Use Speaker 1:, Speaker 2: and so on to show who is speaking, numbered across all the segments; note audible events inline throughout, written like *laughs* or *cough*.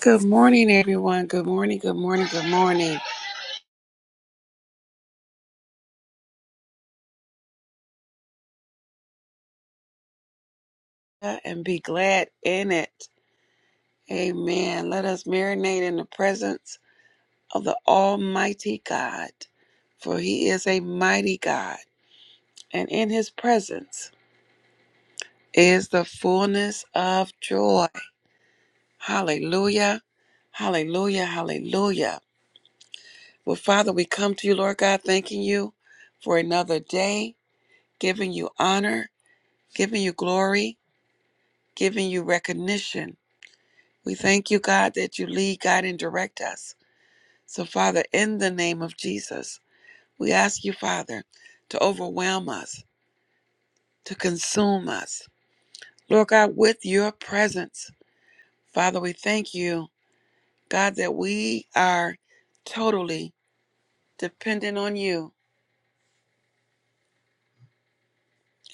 Speaker 1: Good morning, everyone. Good morning, good morning, good morning. And be glad in it. Amen. Let us marinate in the presence of the Almighty God, for He is a mighty God, and in His presence is the fullness of joy. Hallelujah. Hallelujah. Hallelujah. Well, Father, we come to you, Lord God, thanking you for another day, giving you honor, giving you glory, giving you recognition. We thank you, God, that you lead, guide, and direct us. So, Father, in the name of Jesus, we ask you, Father, to overwhelm us, to consume us. Lord God, with your presence, Father, we thank you, God, that we are totally dependent on you.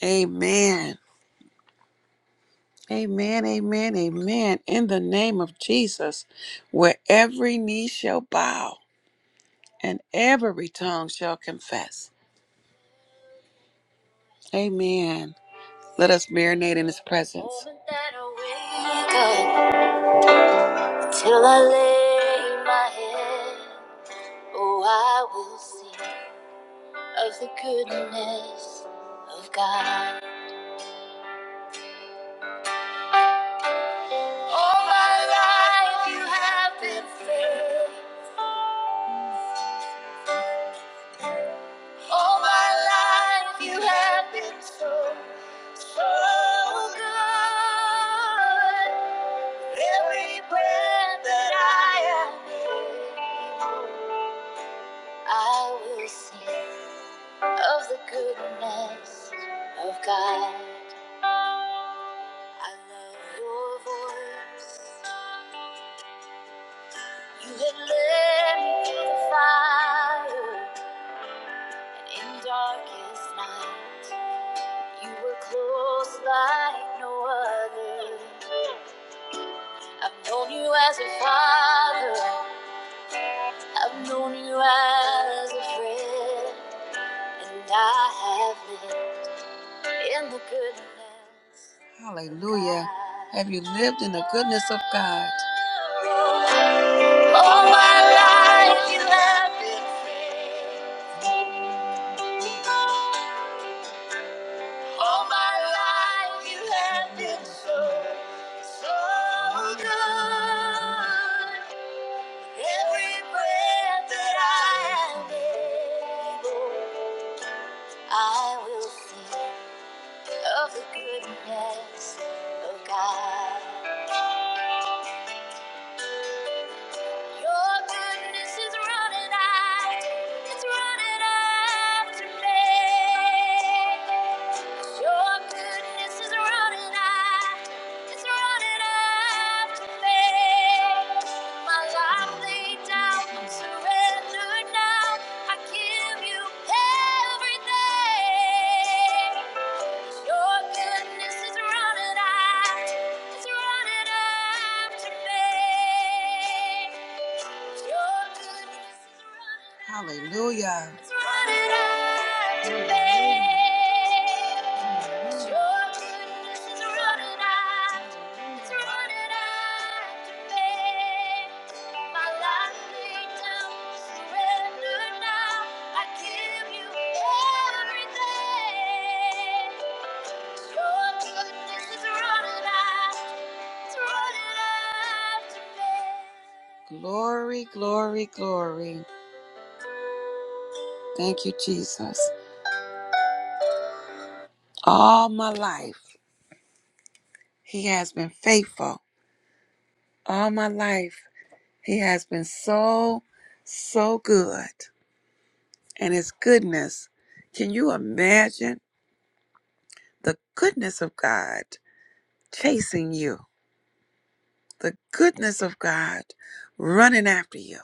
Speaker 1: Amen. Amen, amen, amen. In the name of Jesus, where every knee shall bow and every tongue shall confess. Amen. Let us marinate in his presence. Moment that I wake up, till I lay my head, oh, I will sing of the goodness of God. All my life you have been fair. All my life you have been so. So good, every breath that I am, I will sing of the goodness of God. I love your voice. You had led me through the fire and in darkest night. You were close like no other. I've known you as a father, I've known you as a friend, and I have lived in the goodness. Hallelujah. Have you lived in the goodness of God? All my life you have been faithful. All my life you have been so, so good. Every breath that I am able, I will sing of the goodness of God. Your goodness is running out, it's running after me. Your goodness is running out, it's running after me. My life laid down, surrendered now. I It's running after me. Your goodness is running Hallelujah. after me. Glory, glory, glory. Thank you, Jesus. All my life, He has been faithful. All my life. He has been so, so good. And his goodness, can you imagine the goodness of God chasing you? The goodness of God running after you.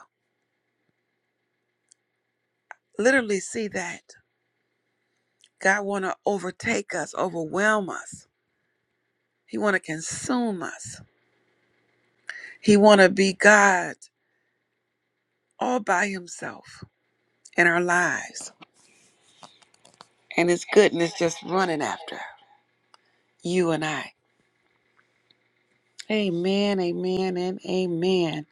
Speaker 1: Literally see that. God want to overtake us, overwhelm us. He want to consume us. He want to be God all by himself in our lives. And his goodness just running after you and I. Amen, amen, and amen.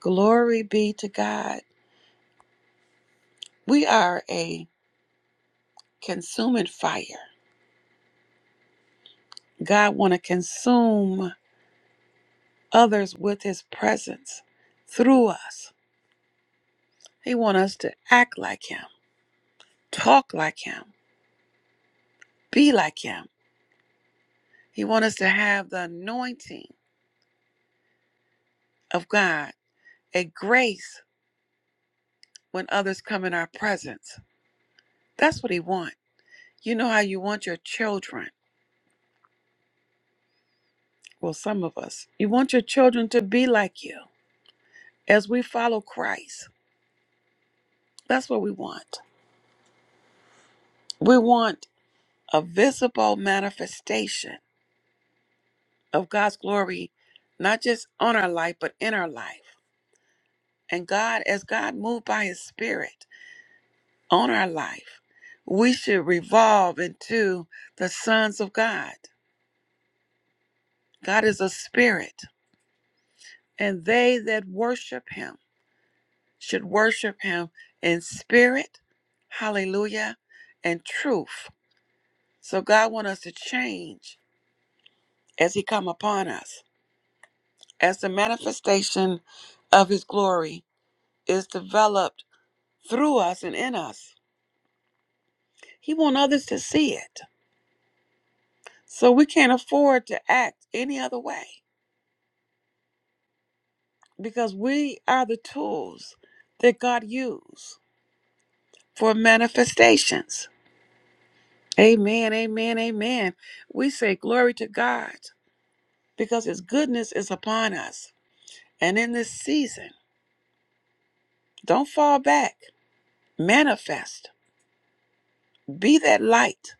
Speaker 1: Glory be to God. We are a consuming fire. God want to consume others with his presence through us. He want us to act like him, talk like him, be like him. He want us to have the anointing of God, a grace when others come in our presence. That's what he want. You know how you want your children, well some of us. You want your children to be like you as we follow Christ. That's what we want. We want a visible manifestation of God's glory, not just on our life, but in our life. And God, as God moved by his spirit on our life, we should revolve into the sons of God. God is a spirit, and they that worship him should worship him in spirit, hallelujah, and truth. So God wants us to change as he come upon us. as the manifestation of his glory is developed through us and in us. He wants others to see it. So we can't afford to act any other way because we are the tools that God used for manifestations. Amen, amen, amen. We say glory to God because his goodness is upon us. And in this season, don't fall back. Manifest. Be that light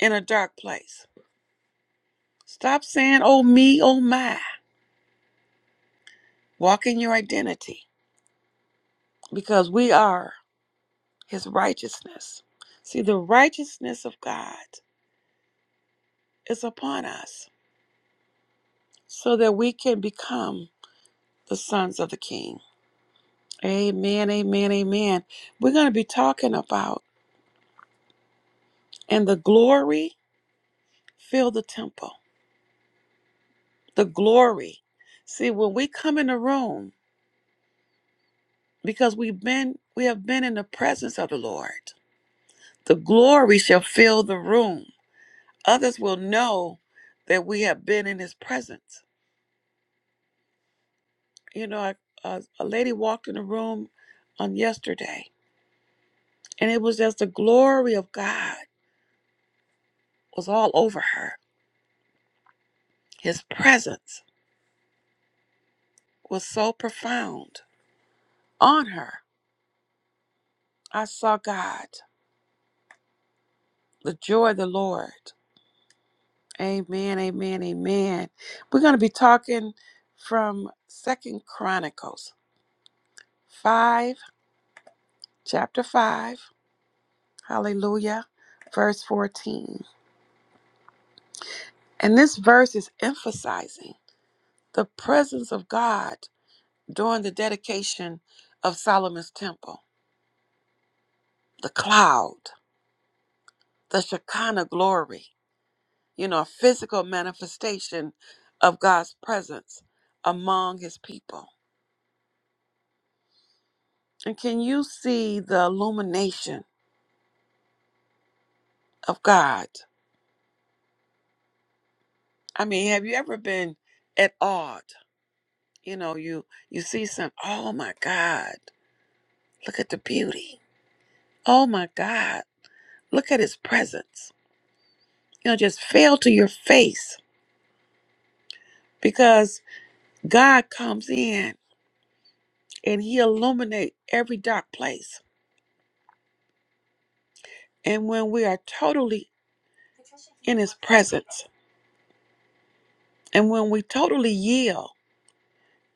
Speaker 1: in a dark place Stop saying, oh, me, oh, my. Walk in your identity because we are his righteousness. See, the righteousness of God is upon us so that we can become the sons of the King. Amen, amen, amen. We're going to be talking about, and the glory fill the temple. The glory. See, when we come in the room, because we've been, we have been in the presence of the Lord, the glory shall fill the room Others will know that we have been in his presence. You know, I, a, a lady walked in the room on yesterday, and it was just the glory of God was all over her. His presence was so profound on her. I saw God, the joy of the Lord. Amen, amen, amen. We're going to be talking from Second Chronicles 5, chapter 5, hallelujah, verse 14. And this verse is emphasizing the presence of God during the dedication of Solomon's temple. The cloud, the Shekinah glory, you know, a physical manifestation of God's presence among his people. And can you see the illumination of God? I mean, have you ever been at awe?d You know, you you see some, oh my God, look at the beauty. Oh my God, look at his presence You'll just fail to your face because God comes in and He illuminates every dark place. And when we are totally in His presence, and when we totally yield,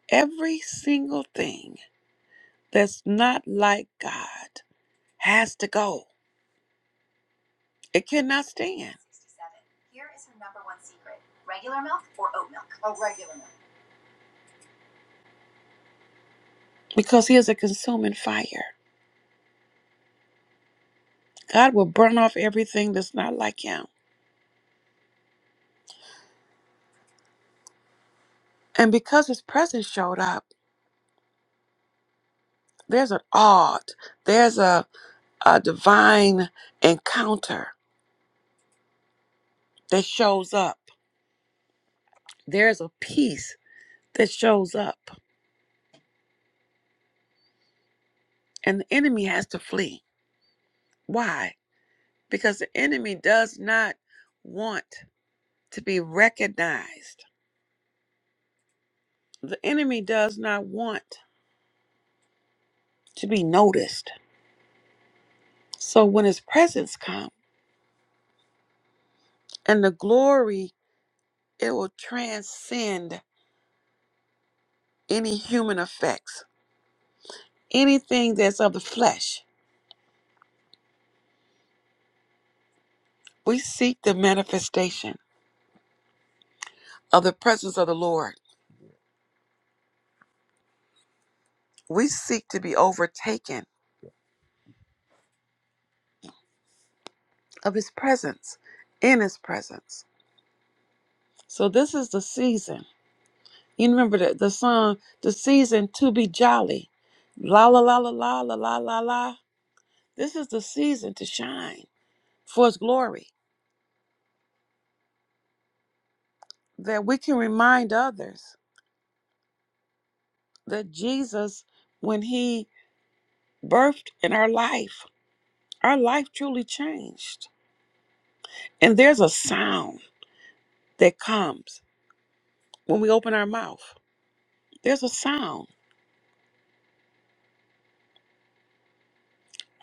Speaker 1: every single thing that's not like God has to go. It cannot stand. Because He is a consuming fire. God will burn off everything that's not like Him. And because his presence showed up, there's an odd, there's a, a divine encounter that shows up. There's a peace that shows up. And the enemy has to flee. Why? Because the enemy does not want to be recognized. The enemy does not want to be noticed. So when his presence comes and the glory, it will transcend any human effects, anything that's of the flesh We seek the manifestation of the presence of the Lord. We seek to be overtaken of His presence, in His presence. So this is the season. You remember the, the song, the season to be jolly. La la la la la la la la la. This is the season to shine for His glory. That we can remind others that Jesus, when He birthed in our life, our life truly changed. And there's a sound that comes. when we open our mouth. There's a sound.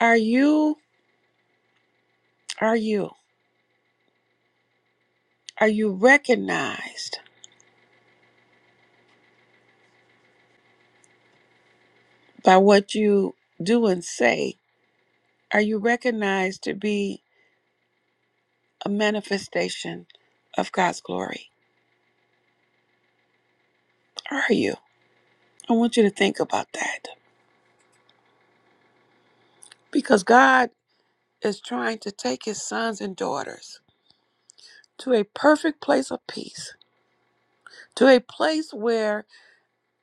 Speaker 1: Are you are you are you recognized by what you do and say? Are you recognized to be a manifestation of God's glory? Are you? I want you to think about that because God is trying to take his sons and daughters to a perfect place of peace, to a place where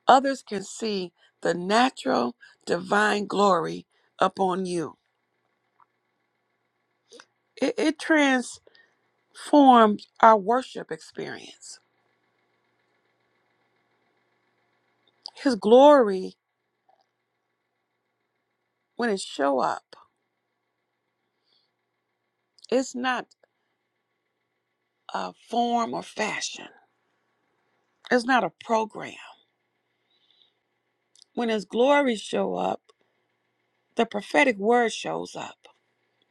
Speaker 1: others can see the natural divine glory upon you. It, it trans forms our worship experience. His glory, when it show up, it's not a form or fashion. It's not a program. When his glory show up, the prophetic word shows up.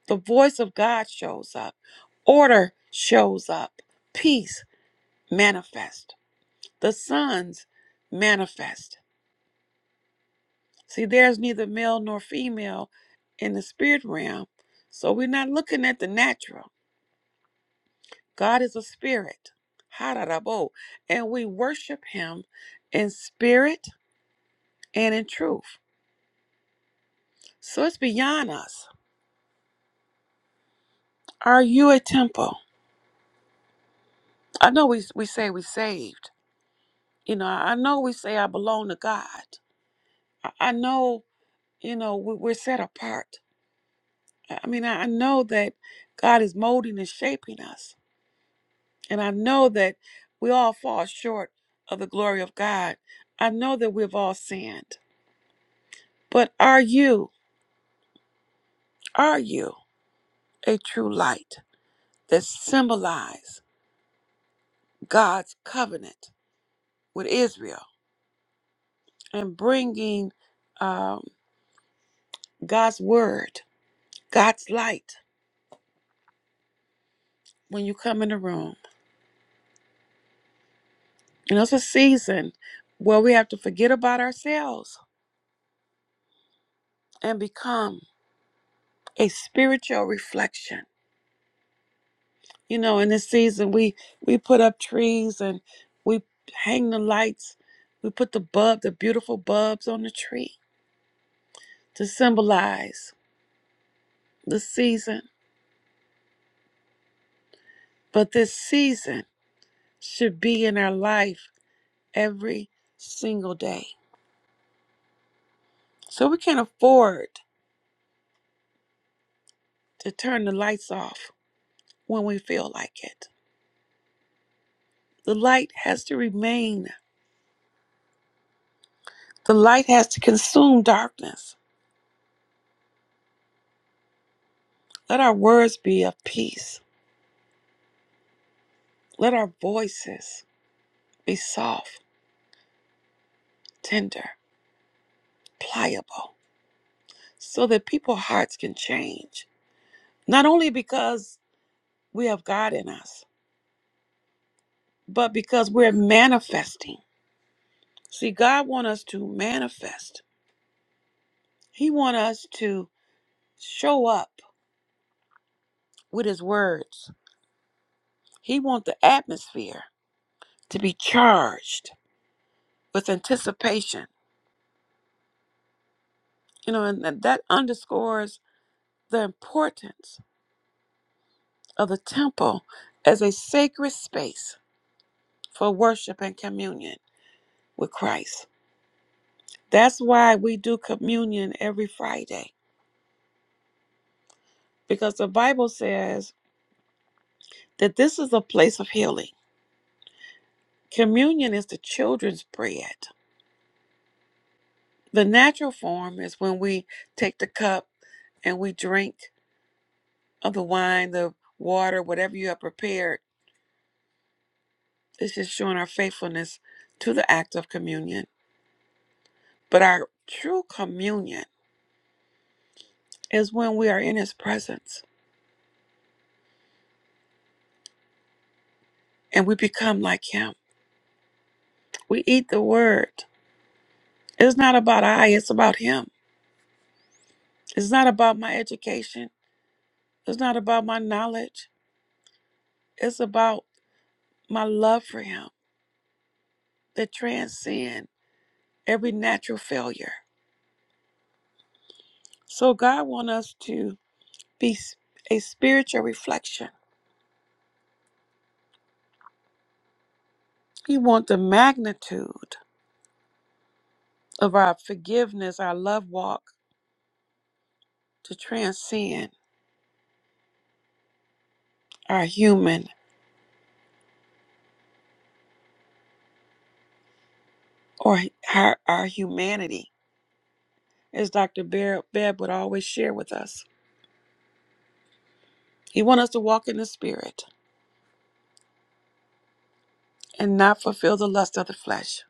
Speaker 1: The voice of God shows up. Order shows up. Peace manifest. The sons manifest. See, there's neither male nor female in the spirit realm. So we're not looking at the natural. God is a spirit. Hararabo. And we worship him in spirit and in truth. So it's beyond us. Are you a temple? I know we, we say we saved. You know, I know we say I belong to God. I, I know, you know, we, we're set apart. I I mean, I, I know that God is molding and shaping us. And I know that we all fall short of the glory of God. I know that we've all sinned. But are you? Are you? a true light that symbolize God's covenant with Israel and bringing um, God's word, God's light when you come in the room. And it's a season where we have to forget about ourselves and become a spiritual reflection. You know, in this season, we we put up trees and we hang the lights. We put the bulb, the beautiful bulbs on the tree to symbolize the season But this season should be in our life every single day. So we can't afford to turn the lights off when we feel like it. The light has to remain, the light has to consume darkness. Let our words be of peace. Let our voices be soft, tender, pliable, so that people's hearts can change. Not only because we have God in us, but because we're manifesting. See, God want us to manifest. He want us to show up with his words. He want the atmosphere to be charged with anticipation. You know, and that that underscores the importance of the temple as a sacred space for worship and communion with Christ. That's why we do communion every Friday because the Bible says that this is a place of healing. Communion is the children's bread The natural form is when we take the cup and we drink of the wine, the water, whatever you have prepared. It's just showing our faithfulness to the act of communion. But our true communion is when we are in His presence and we become like Him. We eat the Word. It's not about I, it's about Him. It's not about my education, it's not about my knowledge, it's about my love for Him that transcends every natural failure. So God wants us to be s- a spiritual reflection. He wants the magnitude of our forgiveness, our love walk to transcend our human or our, our humanity, as Dr. Bear, Bebb would always share with us. He wants us to walk in the spirit and not fulfill the lust of the flesh.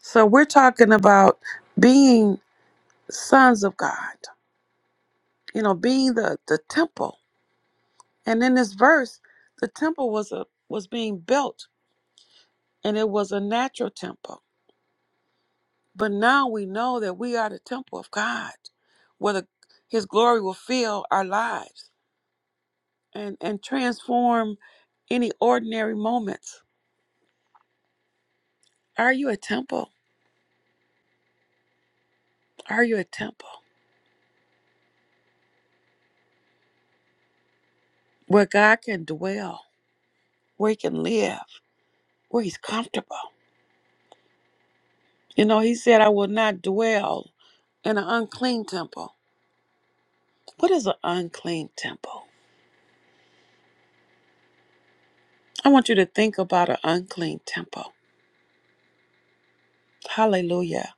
Speaker 1: So we're talking about being sons of God, you know, being the, the temple. And in this verse, the temple was a was being built and it was a natural temple. But now we know that we are the temple of God, where the, His glory will fill our lives and, and transform any ordinary moments. Are you a temple? Are you a temple where God can dwell, where He can live, where He's comfortable? You know, He said, I will not dwell in an unclean temple. What is an unclean temple? I want you to think about an unclean temple. Hallelujah.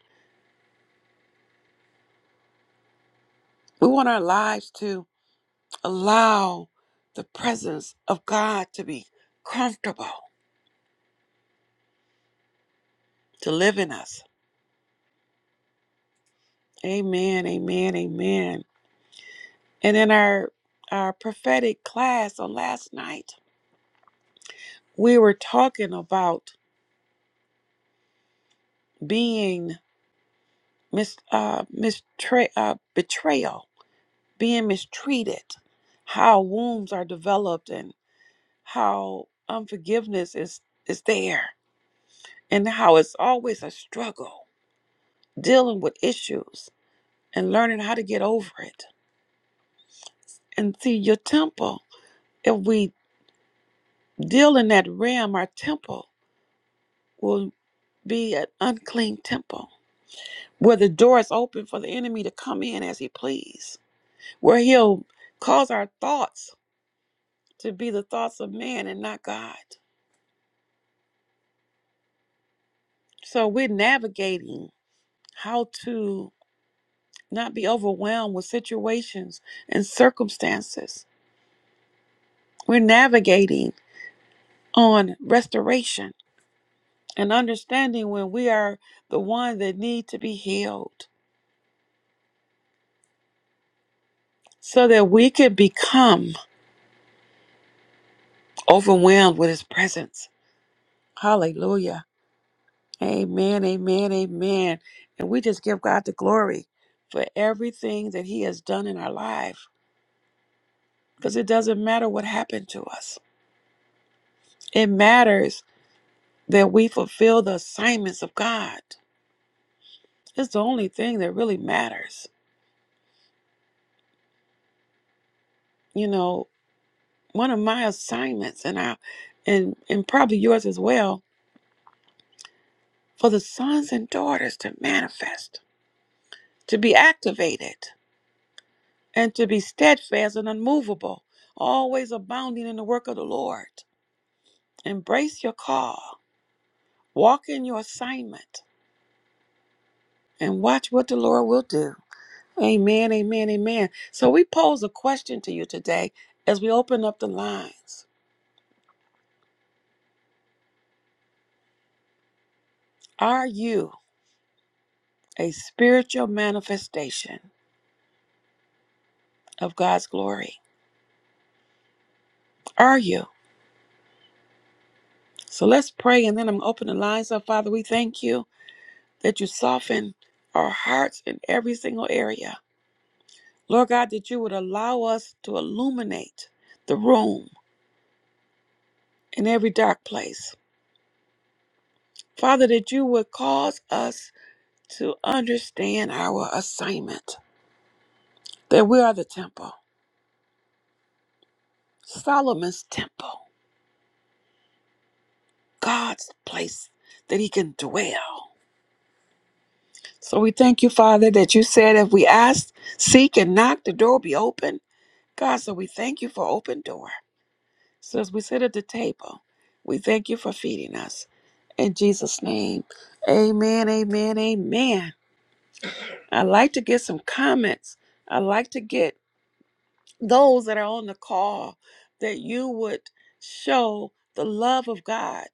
Speaker 1: We want our lives to allow the presence of God to be comfortable to live in us. Amen, amen, amen. And in our our prophetic class on last night, we were talking about being mis uh, mistra- uh betrayal, being mistreated, how wounds are developed and how unforgiveness is is there and how it's always a struggle dealing with issues and learning how to get over it. And see, your temple, if we deal in that realm, our temple will be an unclean temple where the door is open for the enemy to come in as he please, where he'll cause our thoughts to be the thoughts of man and not God. So we're navigating how to not be overwhelmed with situations and circumstances. We're navigating on restoration and understanding when we are the one that need to be healed so that we can become overwhelmed with his presence. Hallelujah. Amen, amen, amen. And we just give God the glory for everything that he has done in our life because it doesn't matter what happened to us. It matters that we fulfill the assignments of God. It's the only thing that really matters. You know, one of my assignments and I and and probably yours as well for the sons and daughters to manifest, to be activated and to be steadfast and unmovable, always abounding in the work of the Lord. Embrace your call, walk in your assignment, and watch what the Lord will do. Amen, amen, amen. So, we pose a question to you today as we open up the lines Are you a spiritual manifestation of God's glory? Are you? So, let's pray and then I'm opening the lines up. Father, we thank you that you soften our hearts in every single area. Lord God, that you would allow us to illuminate the room in every dark place. Father, that you would cause us to understand our assignment, that we are the temple, Solomon's temple, God's place that he can dwell. So we thank you, Father, that you said if we ask, seek, and knock, the door will be open. God, so we thank you for open door. So as we sit at the table, we thank you for feeding us. In Jesus' name, amen, amen, amen. I like to get some comments. I like to get those that are on the call that you would show the love of God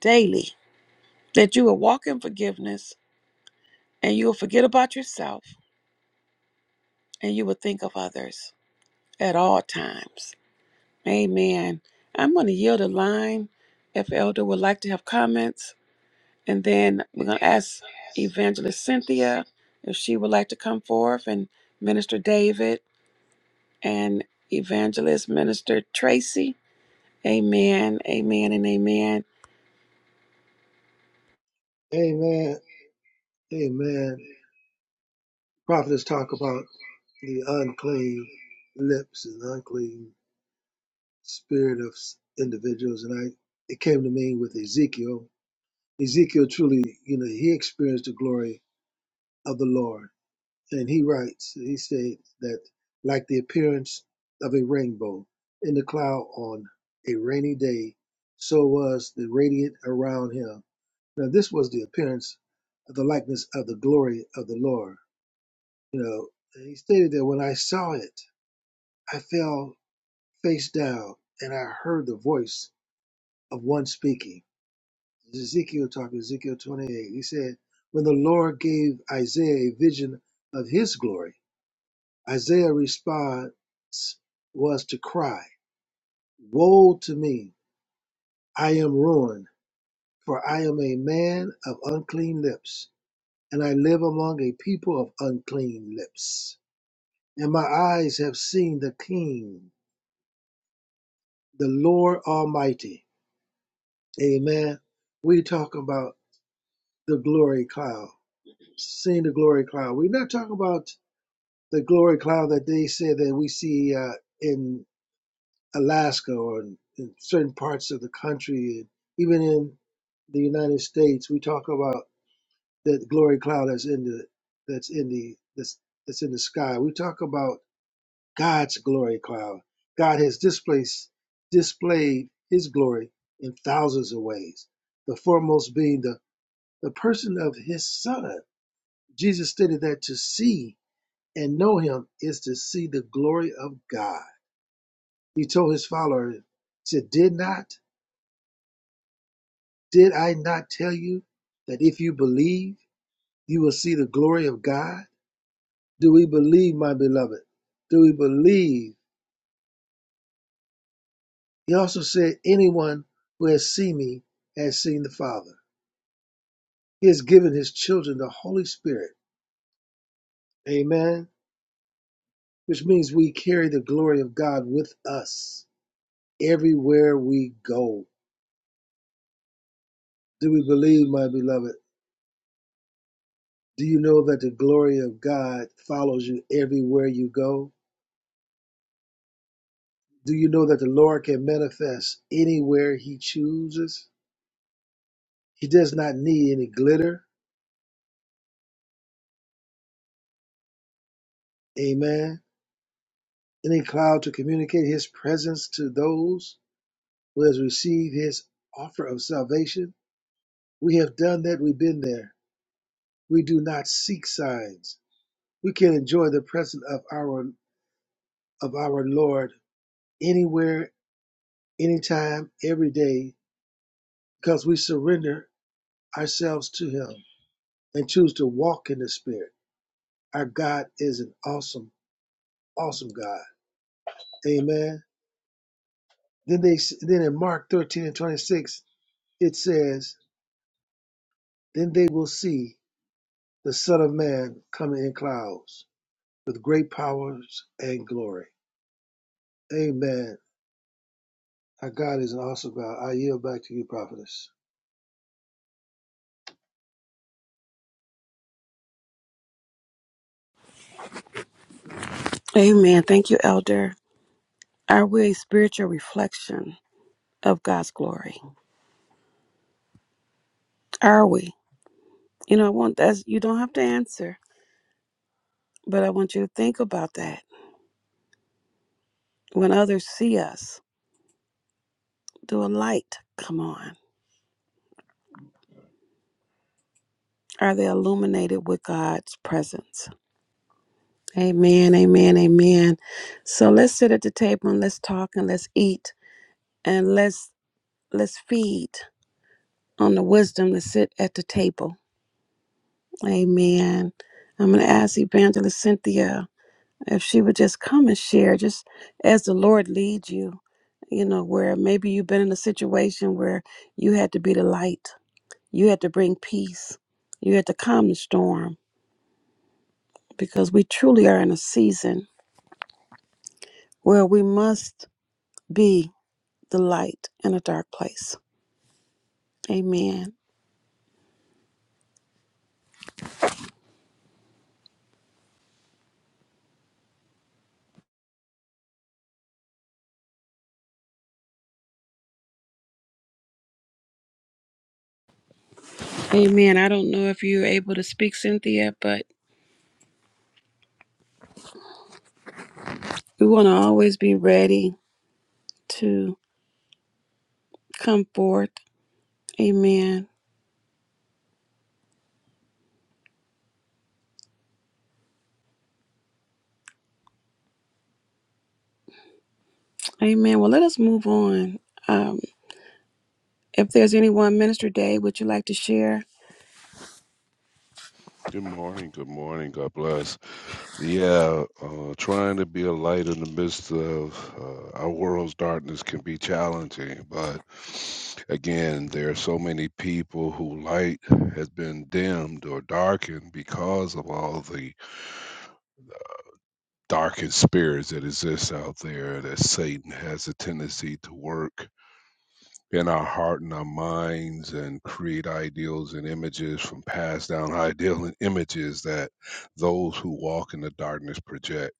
Speaker 1: daily, that you will walk in forgiveness and you will forget about yourself and you will think of others at all times. Amen. I'm going to yield a line if Elder would like to have comments. And then we're going to ask Evangelist Cynthia if she would like to come forth and Minister David and Evangelist Minister Tracy. Amen, amen, and amen.
Speaker 2: Amen. Amen. Prophets talk about the unclean lips and unclean spirit of s- individuals, and I it came to me with Ezekiel. Ezekiel truly, you know, he experienced the glory of the Lord, and he writes, he states that like the appearance of a rainbow in the cloud on a rainy day, so was the radiant around him. Now this was the appearance of the likeness of the glory of the Lord You know, he stated that when I saw it, I fell face down and I heard the voice of one speaking. This is Ezekiel talking, Ezekiel 28. He said, When the Lord gave Isaiah a vision of his glory, Isaiah's response was to cry, Woe to me, I am ruined, for I am a man of unclean lips, and I live among a people of unclean lips. And my eyes have seen the King, the Lord Almighty. Amen. We talk about the glory cloud, seeing the glory cloud. We're not talking about the glory cloud that they say that we see uh, in Alaska or in, in certain parts of the country, even in the United States. We talk about that glory cloud that's in the that's in the that's, that's in the sky. We talk about God's glory cloud. God has displaced, displayed his glory in thousands of ways, the foremost being the, the person of his son. Jesus stated that to see and know him is to see the glory of God. He told his followers, said, Did not, did I not tell you that if you believe, you will see the glory of God? Do we believe, my beloved? Do we believe He also said, Anyone who has seen me has seen the Father. He has given his children the Holy Spirit. Amen. Which means we carry the glory of God with us everywhere we go. Do we believe, my beloved? Do you know that the glory of God follows you everywhere you go? Do you know that the Lord can manifest anywhere he chooses? He does not need any glitter. Amen. Any cloud to communicate his presence to those who has received his offer of salvation. We have done that, we've been there. We do not seek signs. We can enjoy the presence of our of our Lord anywhere, anytime, every day, because we surrender ourselves to him and choose to walk in the spirit. Our God is an awesome, awesome God. Amen. Then they then in Mark 13 and 26, it says, Then they will see the Son of Man coming in clouds. with great powers and glory. Amen. Our God is an awesome God. I yield back to you, prophetess.
Speaker 1: Amen. Thank you, Elder. Are we a spiritual reflection of God's glory? Are we? You know, I want that's you don't have to answer, but I want you to think about that. When others see us, do a light come on? Are they illuminated with God's presence? Amen, amen, amen. So let's sit at the table and let's talk and let's eat and let's let's feed on the wisdom to sit at the table. Amen. I'm gonna ask Evangelist Cynthia if she would just come and share, just as the Lord leads you, you know, where maybe you've been in a situation where you had to be the light, you had to bring peace, you had to calm the storm, because we truly are in a season where we must be the light in a dark place. Amen. Amen. I don't know if you're able to speak, Cynthia, but we want to always be ready to come forth. Amen. Amen. Well, let us move on. Um, if there's anyone, Minister Dave, would you like to share?
Speaker 3: Good morning. Good morning. God bless. Yeah, uh, trying to be a light in the midst of uh, our world's darkness can be challenging. But again, there are so many people who light has been dimmed or darkened because of all the darkened spirits that exist out there that Satan has a tendency to work. in our heart and our minds and create ideals and images from passed down *laughs* ideal and images that those who walk in the darkness project.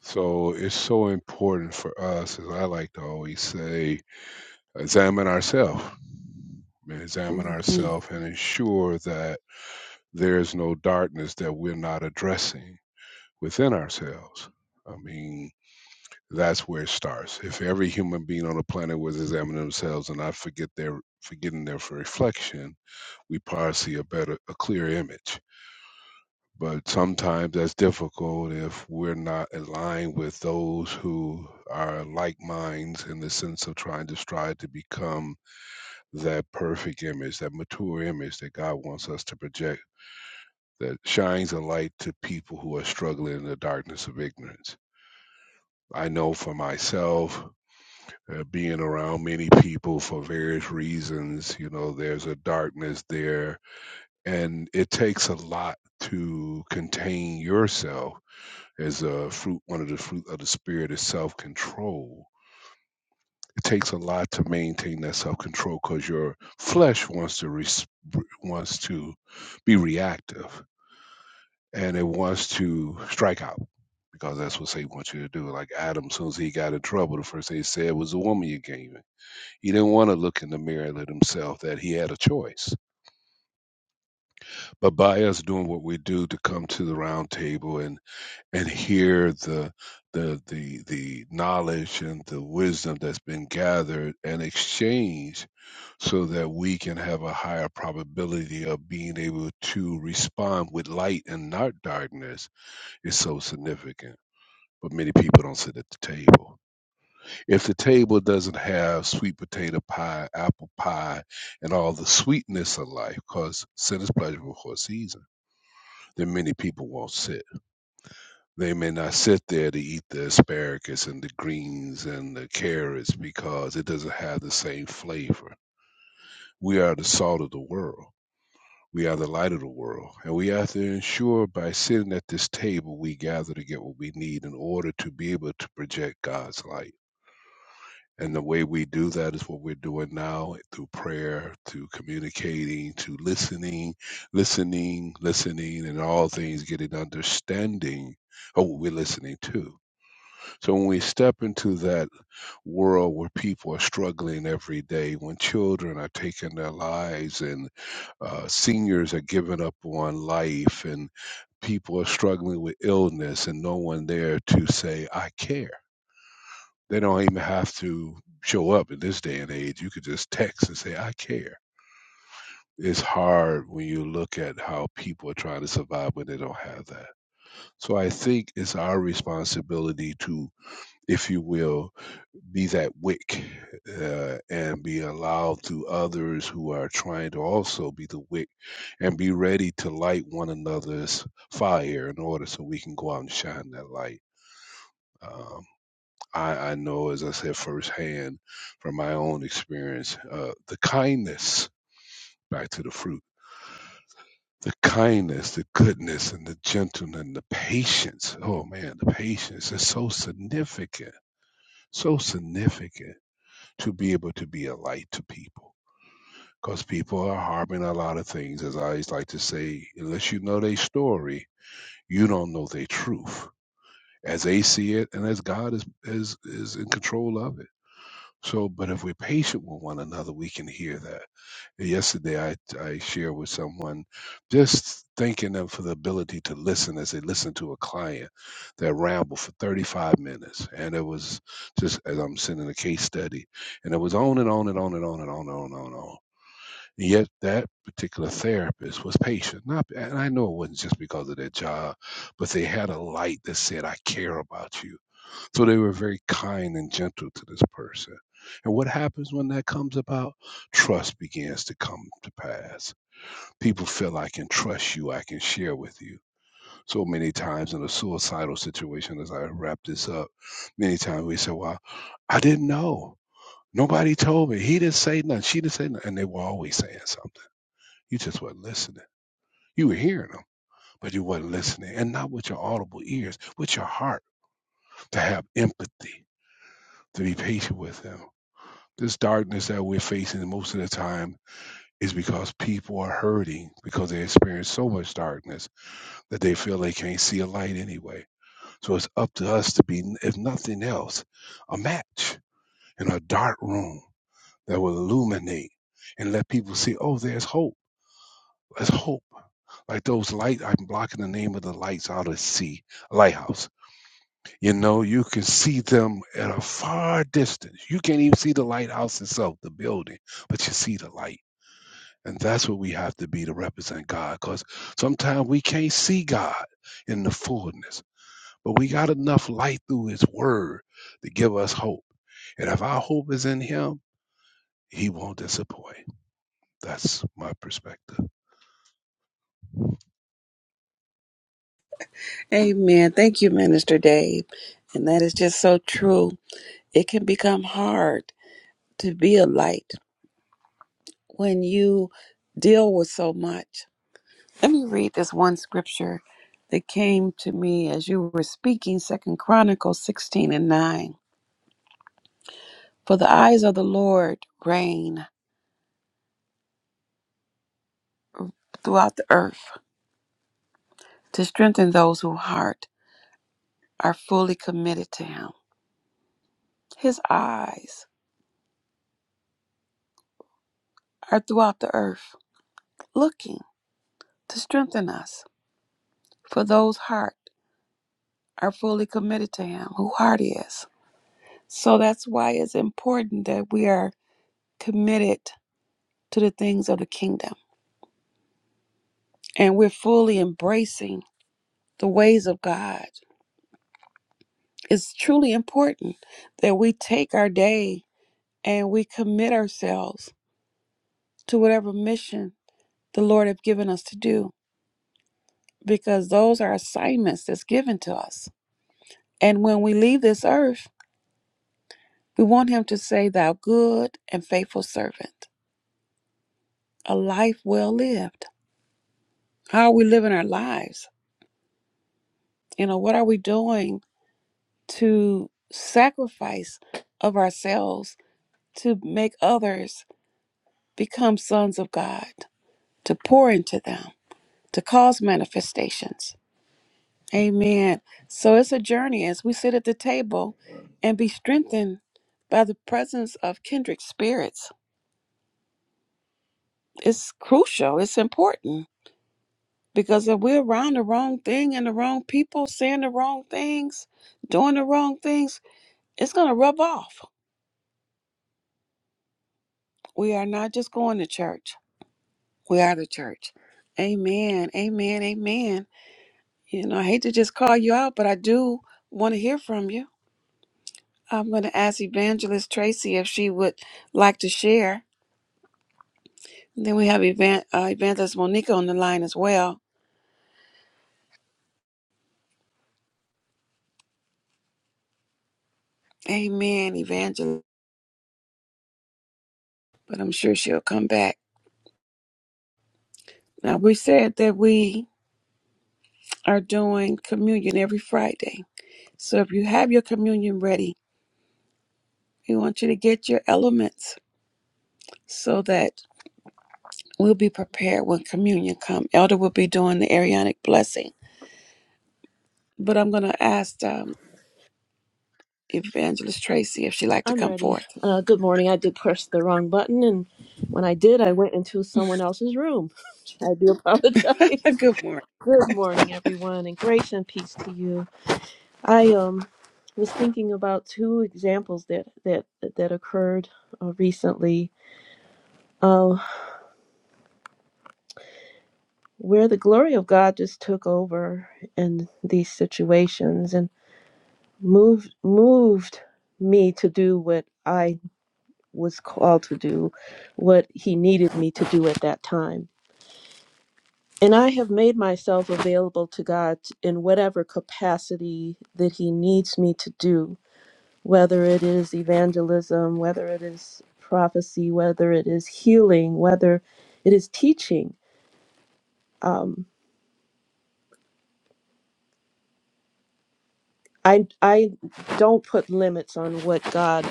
Speaker 3: So it's so important for us, as I like to always say, examine ourselves. Examine
Speaker 1: hmm
Speaker 3: ourselves and ensure that there is no darkness that we're not addressing within ourselves. I mean, That's where it starts. If every human being on the planet was examining themselves and not forget their forgetting their reflection, we probably see a better, a clear image. But sometimes that's difficult if we're not aligned with those who are like minds in the sense of trying to strive to become that perfect image, that mature image that God wants us to project, that shines a light to people who are struggling in the darkness of ignorance. I know for myself uh, being around many people for various reasons, you know, there's a darkness there. And it takes a lot to contain yourself as a fruit, one of the fruit of the spirit is self control. It takes a lot to maintain that self control because your flesh wants to res- wants to be reactive and it wants to strike out because that's what Satan wants you to do. Like Adam, as soon as he got in trouble, the first thing he said was "The woman you gave me." He didn't want to look in the mirror at himself that he had a choice. But by us doing what we do to come to the round table and and hear the the the the knowledge and the wisdom that's been gathered and exchanged so that we can have a higher probability of being able to respond with light and not darkness is so significant. But many people don't sit at the table. If the table doesn't have sweet potato pie, apple pie, and all the sweetness of life, because sin is pleasurable for a season, then many people won't sit. They may not sit there to eat the asparagus and the greens and the carrots because it doesn't have the same flavor. We are the salt of the world. We are the light of the world, and we have to ensure by sitting at this table we gather to get what we need in order to be able to project God's light. And the way we do that is what we're doing now through prayer, to communicating, to listening, listening, listening, and all things getting understanding of what we're listening to. So when we step into that world where people are struggling every day, when children are taking their lives and uh, seniors are giving up on life and people are struggling with illness and no one there to say, I care they don't even have to show up in this day and age. You could just text and say, I care. It's hard when you look at how people are trying to survive when they don't have that. So I think it's our responsibility to, if you will, be that wick uh, and be allowed to others who are trying to also be the wick and be ready to light one another's fire in order so we can go out and shine that light. Um, I, I know, as I said firsthand from my own experience, uh, the kindness, back to the fruit, the kindness, the goodness, and the gentleness, and the patience. Oh man, the patience is so significant, so significant to be able to be a light to people. Because people are harboring a lot of things, as I always like to say, unless you know their story, you don't know their truth as they see it and as God is, is, is in control of it So, but if we're patient with one another, we can hear that. Yesterday, I I shared with someone, just thanking them for the ability to listen as they listen to a client that rambled for 35 minutes, and it was just as I'm sending a case study, and it was on and on and on and on and on and on and on. And on. And yet, that particular therapist was patient. Not, and I know it wasn't just because of their job, but they had a light that said, "I care about you." So they were very kind and gentle to this person. And what happens when that comes about? Trust begins to come to pass. People feel I can trust you, I can share with you. So many times in a suicidal situation, as I wrap this up, many times we say, Well, I didn't know. Nobody told me. He didn't say nothing. She didn't say nothing. And they were always saying something. You just weren't listening. You were hearing them, but you weren't listening. And not with your audible ears, with your heart, to have empathy, to be patient with them This darkness that we're facing most of the time is because people are hurting because they experience so much darkness that they feel they can't see a light anyway. So it's up to us to be, if nothing else, a match in a dark room that will illuminate and let people see, oh, there's hope. There's hope like those lights, i'm blocking the name of the lights out at sea lighthouse you know you can see them at a far distance you can't even see the lighthouse itself the building but you see the light And that's what we have to be to represent God. Because sometimes we can't see God in the fullness, but we got enough light through His Word to give us hope. And if our hope is in Him, He won't disappoint. That's my perspective.
Speaker 1: Amen. Thank you, Minister Dave. And that is just so true. It can become hard to be a light when you deal with so much. Let me read this one scripture that came to me as you were speaking, Second Chronicles 16 and 9. For the eyes of the Lord reign throughout the earth to strengthen those whose heart are fully committed to him. His eyes are throughout the earth, looking to strengthen us for those heart are fully committed to him, who heart is. So that's why it's important that we are committed to the things of the kingdom and we're fully embracing the ways of God. It's truly important that we take our day and we commit ourselves to whatever mission the Lord has given us to do because those are assignments that's given to us. And when we leave this earth, we want him to say thou good and faithful servant, a life well lived. How are we living our lives? You know, what are we doing to sacrifice of ourselves to make others become sons of God? to pour into them, to cause manifestations. Amen. So it's a journey as we sit at the table and be strengthened by the presence of kindred spirits. It's crucial, it's important because if we're around the wrong thing and the wrong people, saying the wrong things, doing the wrong things, it's going to rub off. We are not just going to church, we are the church. Amen. Amen. Amen. You know, I hate to just call you out, but I do want to hear from you I'm going to ask Evangelist Tracy if she would like to share. And then we have Evan, uh, Evangelist Monica on the line as well. Amen, Evangelist. But I'm sure she'll come back. Now, we said that we are doing communion every Friday. So if you have your communion ready, we want you to get your elements so that we'll be prepared when communion comes. Elder will be doing the Arianic blessing. But I'm going to ask um, Evangelist Tracy if she'd like to
Speaker 4: I'm
Speaker 1: come
Speaker 4: ready.
Speaker 1: forth.
Speaker 4: Uh, good morning. I did press the wrong button, and when I did, I went into someone else's room. *laughs* I do
Speaker 1: *laughs*
Speaker 4: apologize.
Speaker 1: Good morning.
Speaker 4: *laughs* good morning, everyone, and grace and peace to you. I um was thinking about two examples that that that occurred uh, recently, uh, where the glory of God just took over in these situations and moved moved me to do what I was called to do, what He needed me to do at that time And I have made myself available to God in whatever capacity that He needs me to do, whether it is evangelism, whether it is prophecy, whether it is healing, whether it is teaching. Um, I, I don't put limits on what God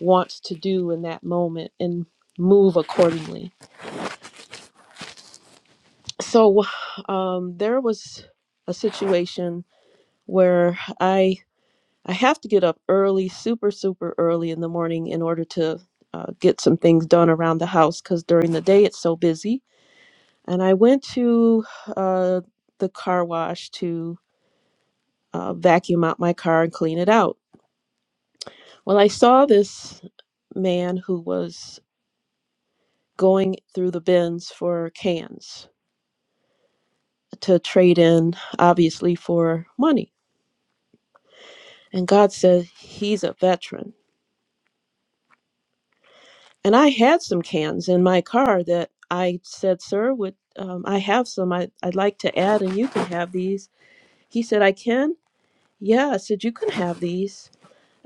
Speaker 4: wants to do in that moment and move accordingly. So um, there was a situation where I I have to get up early, super, super early in the morning in order to uh, get some things done around the house because during the day it's so busy. And I went to uh, the car wash to uh, vacuum out my car and clean it out. Well, I saw this man who was going through the bins for cans to trade in, obviously, for money. And God said, He's a veteran And I had some cans in my car that I said, Sir, would um, I have some I, I'd like to add and you can have these. He said, I can? Yeah, I said, You can have these.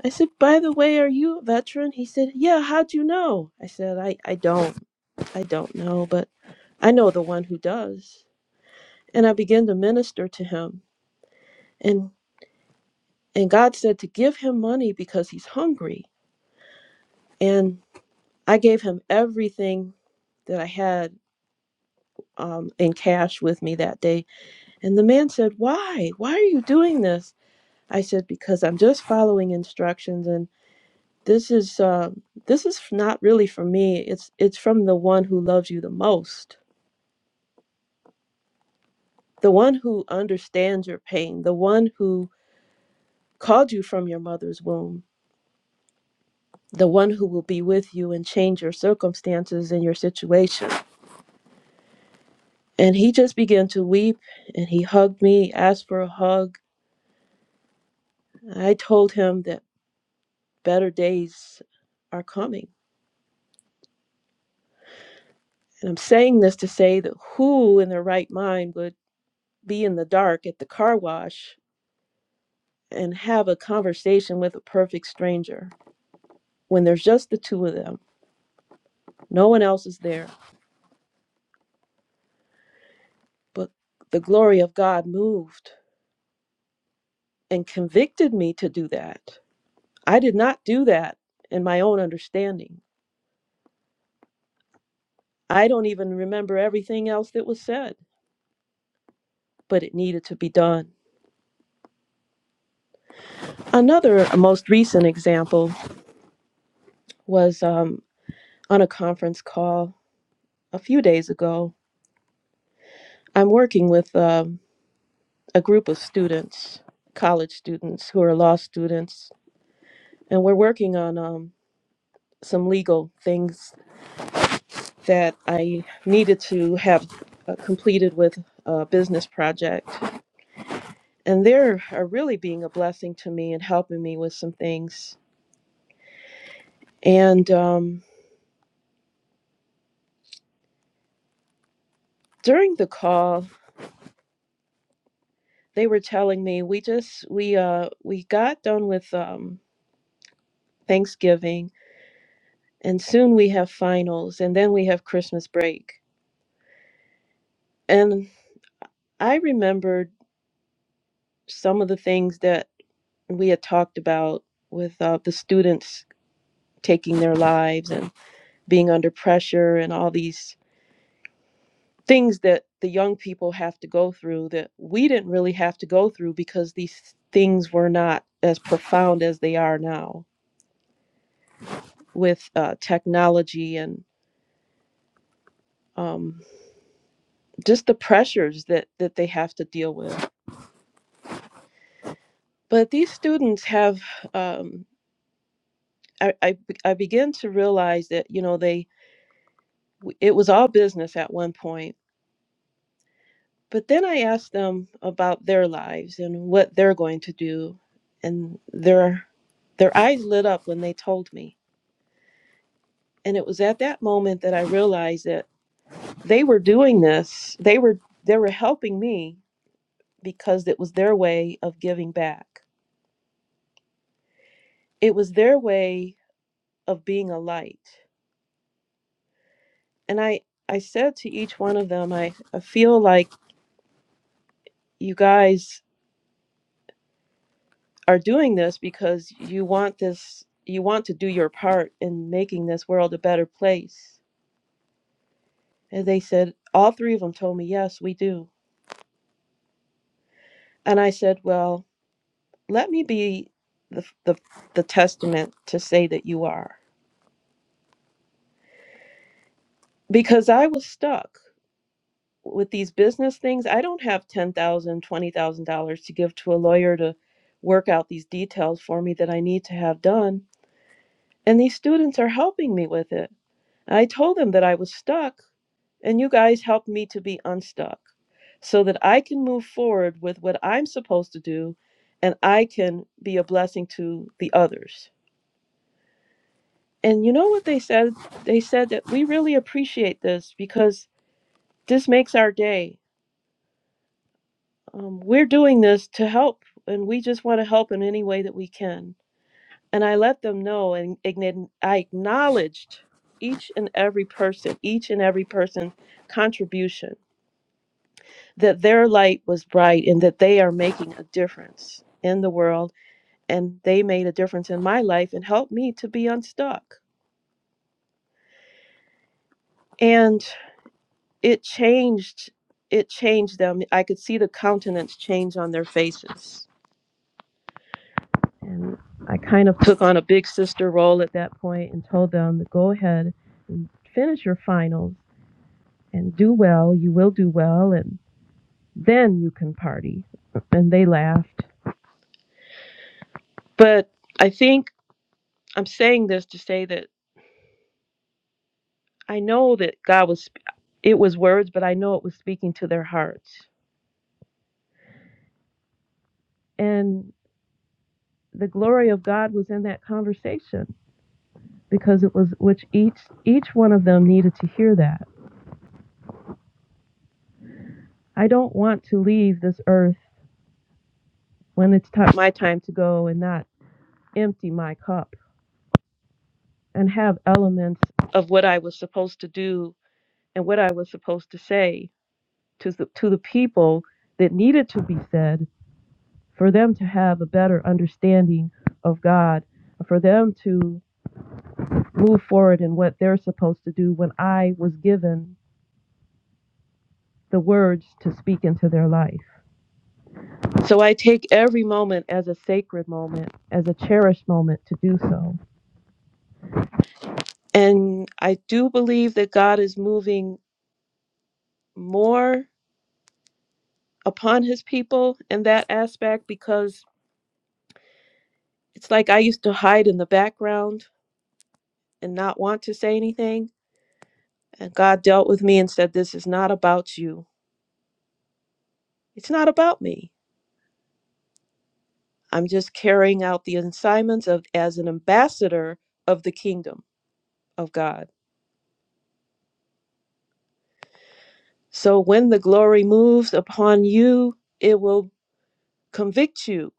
Speaker 4: I said, By the way, are you a veteran? He said, Yeah, how'd you know? I said, I, I don't. I don't know, but I know the one who does. And I began to minister to him. And and God said to give him money because he's hungry. And I gave him everything that I had um, in cash with me that day And the man said, Why? Why are you doing this? I said, Because I'm just following instructions and this is uh, this is not really for me. It's it's from the one who loves you the most, the one who understands your pain, the one who called you from your mother's womb, the one who will be with you and change your circumstances and your situation. And he just began to weep and he hugged me, asked for a hug. I told him that better days are coming And I'm saying this to say that who in their right mind would be in the dark at the car wash and have a conversation with a perfect stranger when there's just the two of them? No one else is there. But the glory of God moved and convicted me to do that. I did not do that in my own understanding. I don't even remember everything else that was said, but it needed to be done. Another uh, most recent example was um, on a conference call a few days ago I'm working with um, a group of students, college students who are law students, and we're working on um, some legal things that I needed to have uh, completed with a business project. And they're are really being a blessing to me and helping me with some things. And um, during the call, they were telling me we just we uh we got done with um, Thanksgiving, and soon we have finals, and then we have Christmas break. and. I remembered some of the things that we had talked about with uh, the students taking their lives and being under pressure and all these things that the young people have to go through that we didn't really have to go through because these things were not as profound as they are now with uh, technology and um, just the pressures that, that they have to deal with. But these students have, um, I, I, I began to realize that, you know, they w- it was all business at one point. But then I asked them about their lives and what they're going to do, and their their eyes lit up when they told me. And it was at that moment that I realized that they were doing this. They were they were helping me because it was their way of giving back. It was their way of being a light. And I I said to each one of them, I, I feel like you guys are doing this because you want this you want to do your part in making this world a better place and they said all three of them told me yes we do and i said well let me be the the, the testament to say that you are because i was stuck with these business things i don't have $10000 $20000 to give to a lawyer to work out these details for me that i need to have done and these students are helping me with it i told them that i was stuck And you guys helped me to be unstuck so that I can move forward with what I'm supposed to do and I can be a blessing to the others. And you know what they said? They said that we really appreciate this because this makes our day. Um, we're doing this to help, and we just want to help in any way that we can. And I let them know, and ign- I acknowledged each and every person, each and every person's contribution that their light was bright and that they are making a difference in the world and they made a difference in my life and helped me to be unstuck and it changed it changed them i could see the countenance change on their faces and i kind of took on a big sister role at that point and told them to go ahead and finish your finals and do well you will do well and then you can party and they laughed but i think i'm saying this to say that I know that God was, it was words, but I know it was speaking to their hearts. And the glory of God was in that conversation because it was which each each one of them needed to hear that. I don't want to leave this earth when it's ti- my time to go and not empty my cup and have elements of what I was supposed to do and what I was supposed to say to the, to the people that needed to be said for them to have a better understanding of God, for them to move forward in what they're supposed to do when I was given the words to speak into their life. So I take every moment as a sacred moment, as a cherished moment to do so. And I do believe that God is moving more upon his people in that aspect because it's like I used to hide in the background and not want to say anything. And God dealt with me and said, This is not about you It's not about me. I'm just carrying out the assignments of as an ambassador of the kingdom of God. So when the glory moves upon you, it will convict you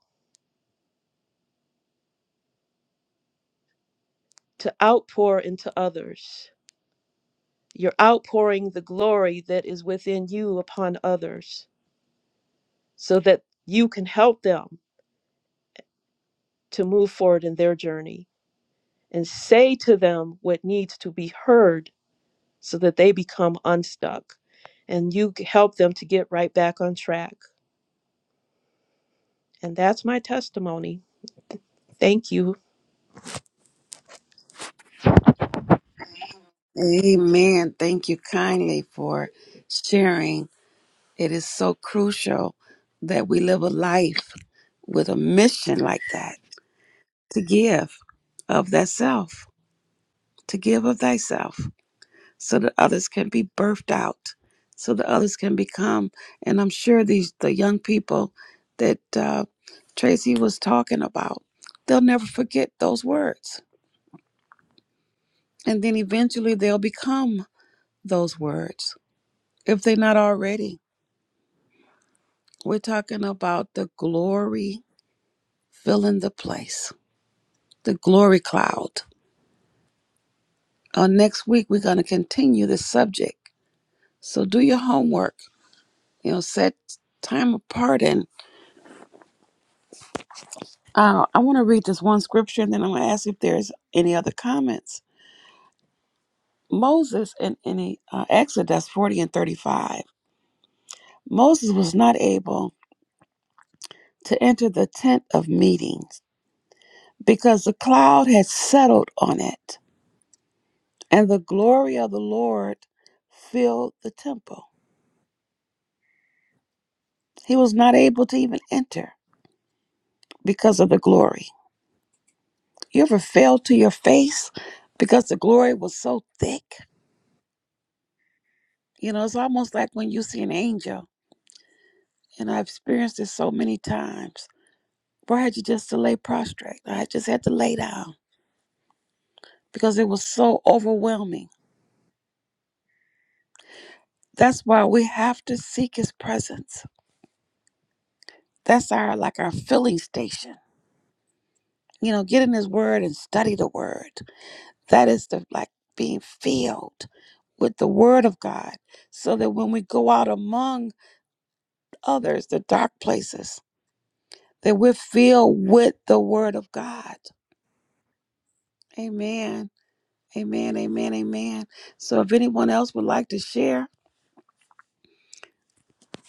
Speaker 4: to outpour into others. You're outpouring the glory that is within you upon others so that you can help them to move forward in their journey and say to them what needs to be heard so that they become unstuck and you help them to get right back on track And that's my testimony. Thank you.
Speaker 1: Amen. Thank you kindly for sharing. It is so crucial that we live a life with a mission like that to give of thyself, to give of thyself, so that others can be birthed out, so that others can become. And I'm sure these the young people that uh, Tracy was talking about, they'll never forget those words, and then eventually they'll become those words if they're not already We're talking about the glory filling the place, the glory cloud. Uh, next week, we're going to continue this subject. So do your homework, you know, set time apart. And uh, I want to read this one scripture and then I'm going to ask if there's any other comments. Moses in, in uh, Exodus 40 and 35, Moses was not able to enter the tent of meetings because the cloud had settled on it. And the glory of the Lord filled the temple. He was not able to even enter because of the glory. You ever fell to your face because the glory was so thick? You know, it's almost like when you see an angel, and I've experienced this so many times. Where I had you just to lay prostrate. I just had to lay down because it was so overwhelming. That's why we have to seek his presence. That's our like our filling station. You know, get in his word and study the word That is the like being filled with the word of God so that when we go out among others, the dark places, that we're filled with the word of God. Amen. Amen. Amen. Amen. So if anyone else would like to share,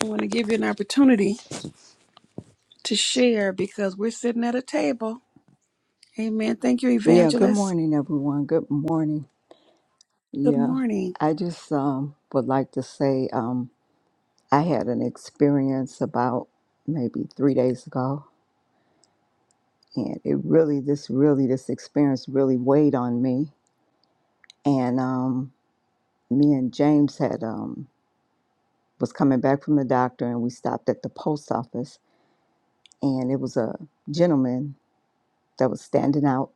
Speaker 1: I want to give you an opportunity to share because we're sitting at a table. Amen. Thank you,
Speaker 5: Yeah, good
Speaker 1: evangelist.
Speaker 5: morning, everyone. Good morning.
Speaker 1: Good
Speaker 5: Yeah,
Speaker 1: morning.
Speaker 5: I just um, would like to say um, I had an experience about maybe three days ago, and it really, this really, this experience really weighed on me. And um, me and James had um, was coming back from the doctor, and we stopped at the post office, and it was a gentleman that was standing out.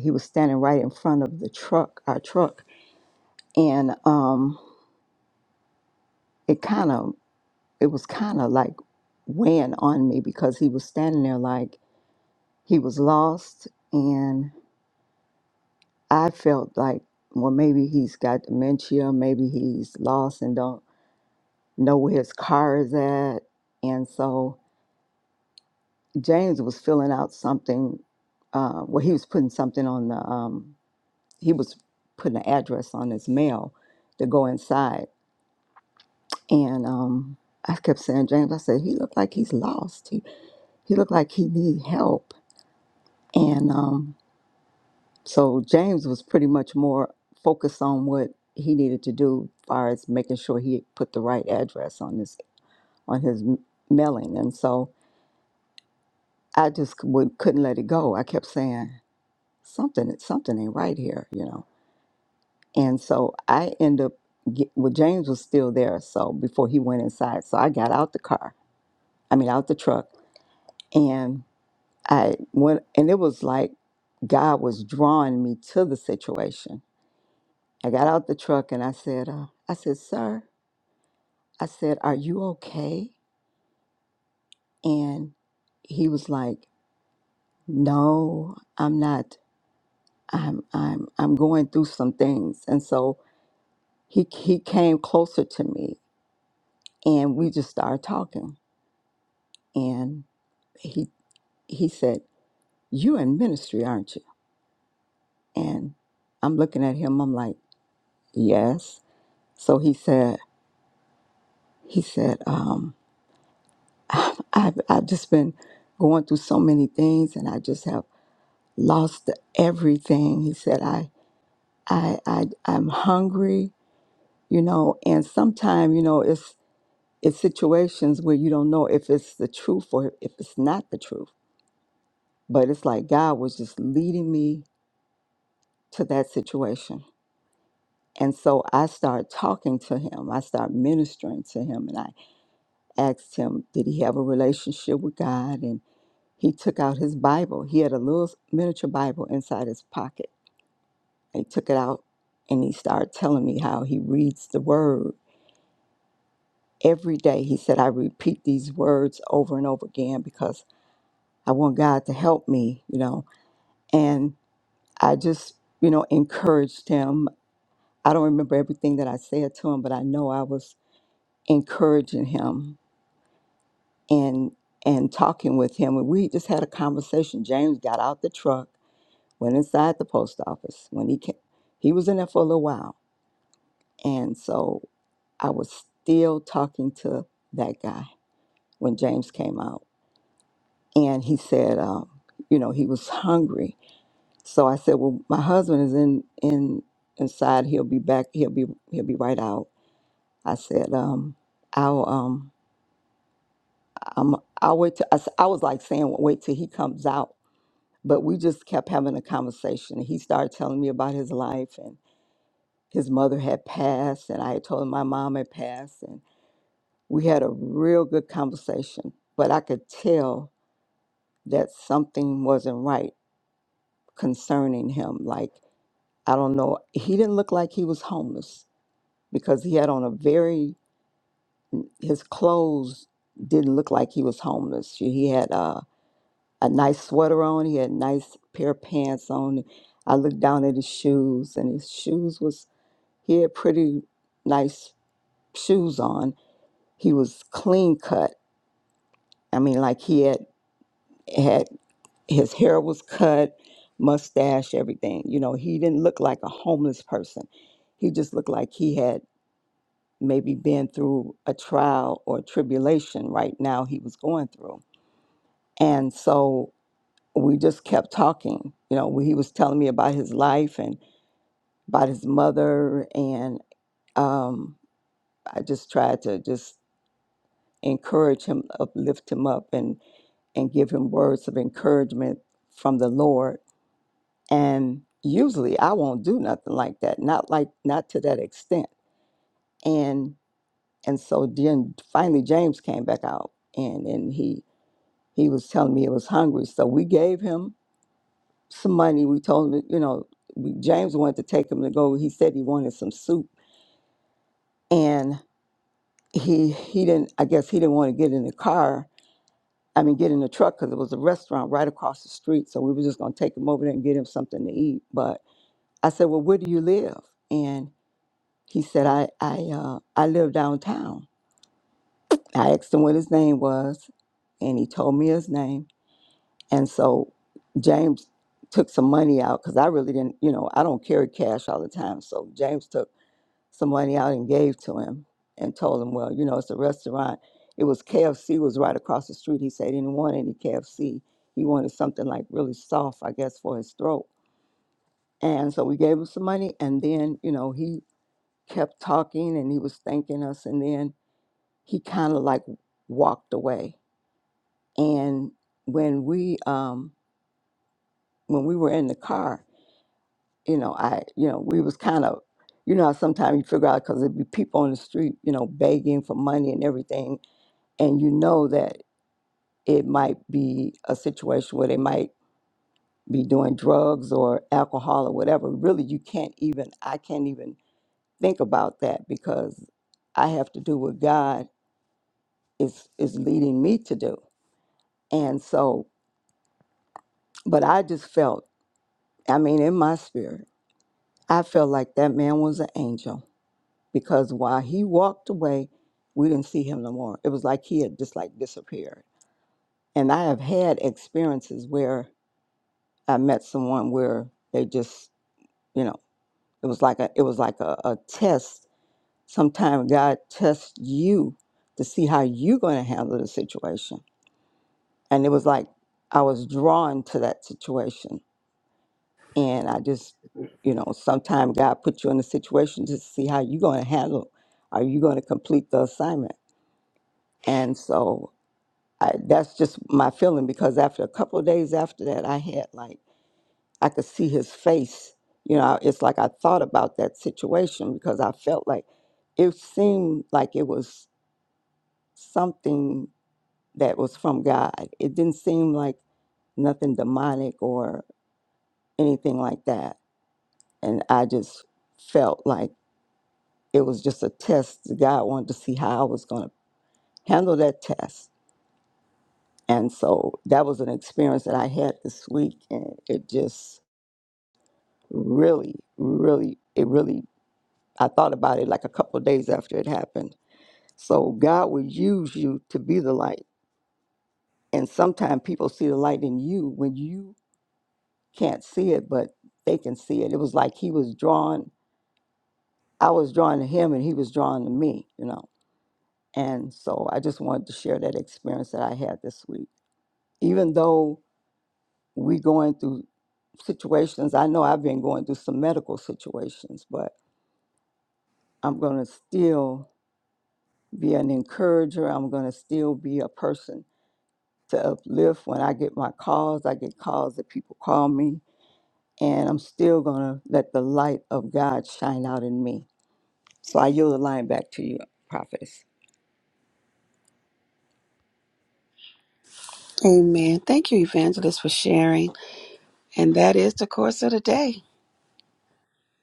Speaker 5: He was standing right in front of the truck, our truck, and um, it kind of it was kind of like weighing on me because he was standing there like he was lost and i felt like well maybe he's got dementia maybe he's lost and don't know where his car is at and so james was filling out something uh, well he was putting something on the um, he was putting an address on his mail to go inside and um, i kept saying james i said he looked like he's lost he, he looked like he need help And um, so James was pretty much more focused on what he needed to do, as far as making sure he put the right address on his on his m- mailing. And so I just c- would, couldn't let it go. I kept saying something, something ain't right here, you know. And so I end up, get, well, James was still there. So before he went inside, so I got out the car. I mean, out the truck, and I went, and it was like God was drawing me to the situation I got out the truck and I said, uh, I said, sir, I said, are you okay? And he was like, no, I'm not. I'm, I'm, I'm going through some things. And so he, he came closer to me and we just started talking. And he, he said, you in ministry, aren't you? And I'm looking at him. I'm like, yes. So he said, he said, um, I've, I've just been going through so many things and I just have lost everything. He said, I, I, I, I'm hungry, you know, and sometimes, you know, it's, it's situations where you don't know if it's the truth or if it's not the truth. But it's like God was just leading me to that situation. And so I started talking to him. I started ministering to him and I asked him, did he have a relationship with God? He took out his Bible. He had a little miniature Bible inside his pocket. He took it out and he started telling me how he reads the word every day. He said, I repeat these words over and over again because I want God to help me, you know. And I just, you know, encouraged him. I don't remember everything that I said to him, but I know I was encouraging him and and talking with him. And we just had a conversation. James got out the truck went inside the post office when he came. He was in there for a little while. And so I was still talking to that guy when James came out. And he said, um, you know, he was *laughs* hungry. So I said, well, my husband is in, in inside. He'll be back. He'll be, he'll be right out. I said, um, I'll, um, I'm, I'll wait. Till, I, s- I was like saying, wait till he comes out. But we just kept having a conversation. He started telling me about his life and. his mother had passed, and I had told him my mom had passed, and we had a real good conversation. But I could tell that something wasn't right concerning him. Like, I don't know, he didn't look like he was homeless because he had on a very, his clothes didn't look like he was homeless. He had a, a nice sweater on, he had a nice pair of pants on. I looked down at his shoes, and his shoes was, he had pretty nice shoes on He was clean cut. I mean, like he had had his hair was cut, mustache, everything. You know, he didn't look like a homeless person. He just looked like he had maybe been through a trial or tribulation right now he was going through. And so we just kept talking. You know, he was telling me about his life and about his mother. And um, I just tried to just encourage him, uplift him up. and. and give him words of encouragement from the Lord. And usually I won't do nothing like that, not like not to that extent. And and so then finally James came back out and and he he was telling me he was hungry. So we gave him some money. We told him, you know, we, James wanted to take him to go. He said he wanted some soup and he he didn't I guess he didn't want to get in the car. I mean, get in the truck because it was a restaurant right across the street. So we were just going to take him over there and get him something to eat. But I said, Well, where do you live? And he said, I, I, uh, I live downtown. I asked him what his name was, and he told me his name. And so James took some money out because I really didn't, you know, I don't carry cash all the time. So James took some money out and gave to him and told him, Well, you know, it's a restaurant. It was KFC was right across the street. He said he didn't want any KFC. He wanted something like really soft, I guess, for his throat. And so we gave him some money, and then you know he kept talking and he was thanking us and then he kind of like walked away and when we um when we were in the car you know i you know we was kind of you know sometimes you figure out because it'd be people on the street you know begging for money and everything and you know that it might be a situation where they might be doing drugs or alcohol or whatever really you can't even i can't even think about that because i have to do with god is is leading me to do. And so, but I just felt, I mean, in my spirit, I felt like that man was an angel because while he walked away, we didn't see him no more. It was like he had just like disappeared. And I have had experiences where I met someone where they just, you know, it was like a it was like a, a test. Sometimes God tests you to see how you're gonna handle the situation. And it was like I was drawn to that situation And I just, you know, sometimes God put you in a situation to see how you're going to handle. Are you going to complete the assignment? And so I, that's just my feeling because after a couple of days after that, I had like, I could see his face. You know, it's like I thought about that situation because I felt like it seemed like it was something that was from God. It didn't seem like nothing demonic or anything like that. And I just felt like, it was just a test. God wanted to see how I was going to handle that test. And so that was an experience that I had this week. And it just really, really, it really, I thought about it like a couple of days after it happened. So God will use you to be the light. And sometimes people see the light in you when you can't see it, but they can see it. It was like he was drawn, I was drawn to him and he was drawn to me, you know. And so I just wanted to share that experience that I had this week. even though we going through situations, I know I've been going through some medical situations, but I'm going to still be an encourager. I'm going to still be a person to uplift when I get my calls. I get calls that people call me, and I'm still going to let the light of God shine out in me. So I yield the line back to you, prophetess.
Speaker 1: Amen. Thank you, evangelist, for sharing. And that is the course of the day.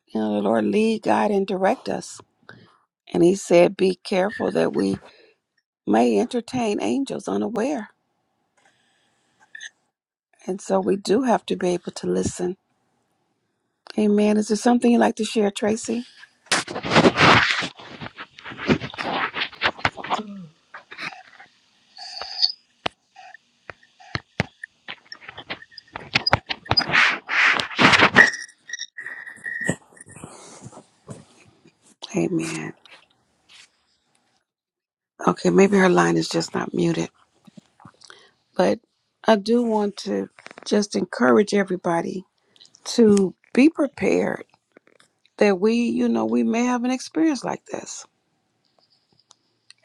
Speaker 1: You know, the Lord lead, guide, and direct us And he said, Be careful that we may entertain angels unaware. And so we do have to be able to listen. Amen. Is there something you'd like to share, Tracy? Amen. Okay, maybe her line is just not muted. But I do want to just encourage everybody to be prepared that we, you know, we may have an experience like this.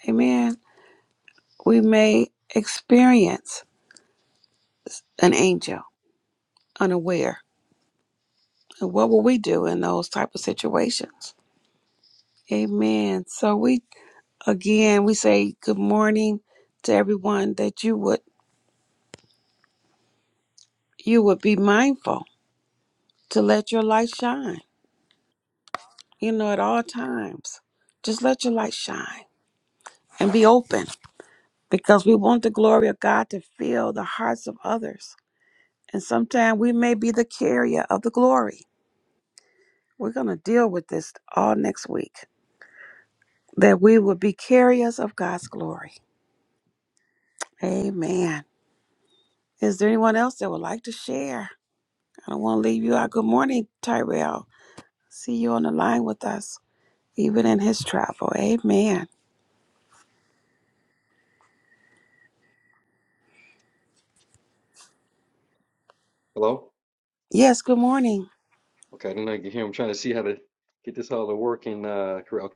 Speaker 1: Amen. We may experience an angel unaware. And what will we do in those type of situations? Amen. So we again we say good morning to everyone that you would you would be mindful to let your light shine. You know, at all times. Just let your light shine and be open because we want the glory of God to fill the hearts of others. And sometimes we may be the carrier of the glory. We're going to deal with this all next week that we would be carriers of God's glory. Amen. Is there anyone else that would like to share? I don't want to leave you out. Good morning, Tyrell. See you on the line with us, even in his travel. Amen.
Speaker 6: Hello?
Speaker 1: Yes, good morning.
Speaker 6: Okay, I didn't know you could hear. I'm trying to see how to get this all to work in uh Corel.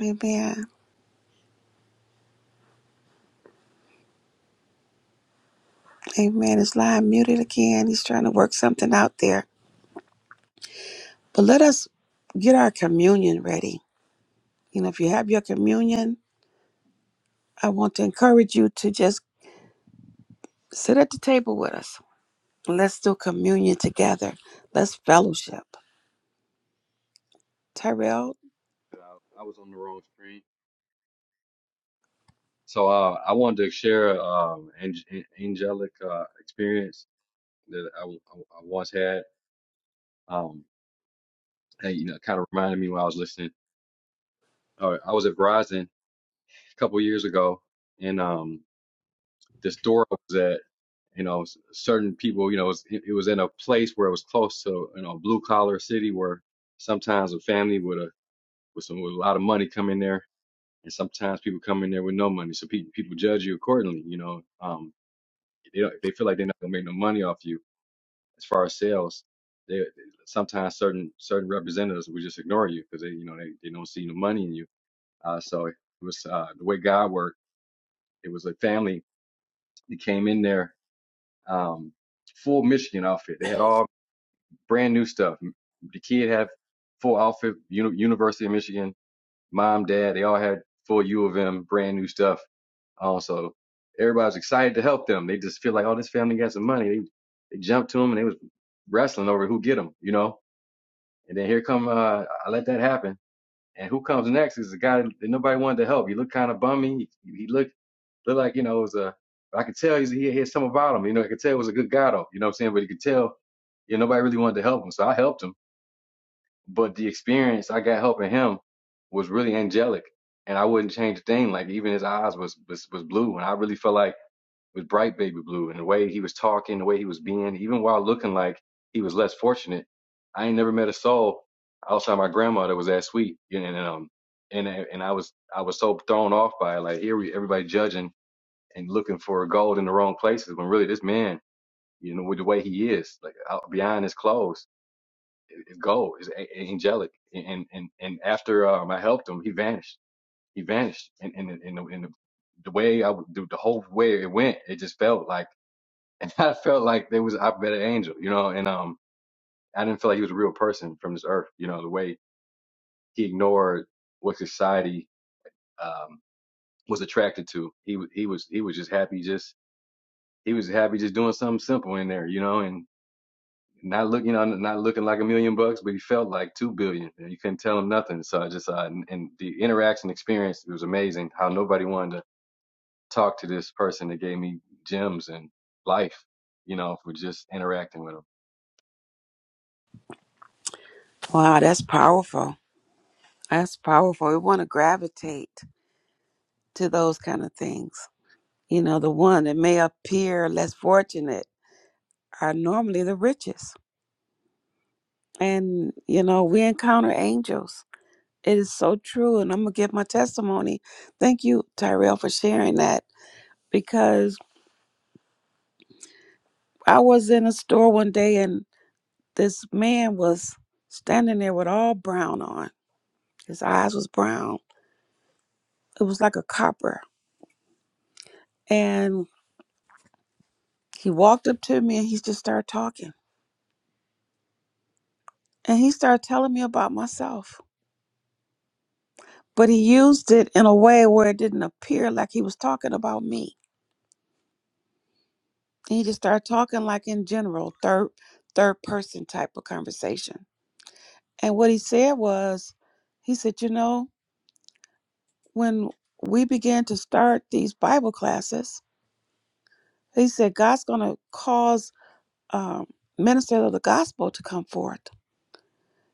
Speaker 1: Amen. Amen. His line muted again. He's trying to work something out there. But let us get our communion ready. You know, if you have your communion, I want to encourage you to just sit at the table with us. Let's do communion together. Let's fellowship. Tyrell,
Speaker 6: Okay, I I was on the wrong screen. So uh, I wanted to share um ang- an- angelic uh, experience that I, w- I w- I once had. Um, hey, you know, kind of reminded me when I was listening. Uh, I was at Verizon a couple years ago, and um, the store I was at, you know, s- certain people, you know, it was, it it was in a place where it was close to, you know, blue collar city where sometimes a family with a with some with a lot of money come in there and sometimes people come in there with no money, so pe- people judge you accordingly. You know, um, they don't, they feel like they're not gonna make no money off you as far as sales. They sometimes certain certain representatives will just ignore you because they you know they, they don't see no money in you. Uh, so it was uh, the way God worked. It was a family that came in there um, full Michigan outfit. They had all brand new stuff. The kid had full outfit, uni- University of Michigan mom, dad, they all had full U of M, brand new stuff. Um, so everybody's excited to help them. They just feel like, oh, this family got some money. They they jumped to them and they was wrestling over who get them, you know. And then here come uh, I let that happen. And who comes next is the guy that nobody wanted to help. He looked kind of bummy. He, he looked looked like you know it was a. I could tell he had something about him. You know, I could tell it was a good guy though. You know what I'm saying? But you could tell, you know, nobody really wanted to help him. So I helped him but the experience I got helping him was really angelic, and I wouldn't change a thing. Like even his eyes was was, was blue, and I really felt like it was bright baby blue. And the way he was talking, the way he was being, even while looking like he was less fortunate, I ain't never met a soul outside my grandma that was that sweet. You know, And, um, and and I was I was so thrown off by it. Like here we everybody judging and looking for gold in the wrong places when really this man, you know, with the way he is, like out beyond his clothes it's gold. It's a- angelic. And and and after um, I helped him, he vanished. He vanished. And and and the, and the, the way I w- the, the whole way it went, it just felt like, *laughs* and I felt like there was I met an angel, you know. And um, I didn't feel like he was a real person from this earth, you know. The way he ignored what society um was attracted to. He wa- he was he was just happy, just he was happy just doing something simple in there, you know. not look, you know, not looking like a million bucks, but he felt like two billion. And you couldn't tell him nothing. So I just, uh, and, and the interaction experience it was amazing. How nobody wanted to talk to this person that gave me gems and life, you know, for just interacting with him.
Speaker 1: wow, that's powerful. That's powerful. We want to gravitate to those kind of things. You know, the one that may appear less fortunate are normally the richest. And, you know, we encounter angels. It is so true. And I'm going to give my testimony. Thank you, Tyrell, for sharing that because I was in a store one day and this man was standing there with all brown on. His eyes was brown. It was like a copper. And he walked up to me and he just started talking And he started telling me about myself. But he used it in a way where it didn't appear like he was talking about me. And he just started talking like in general, third third person type of conversation. And what he said was, he said, you know, when we began to start these Bible classes, he said, God's gonna cause um ministers of the gospel to come forth.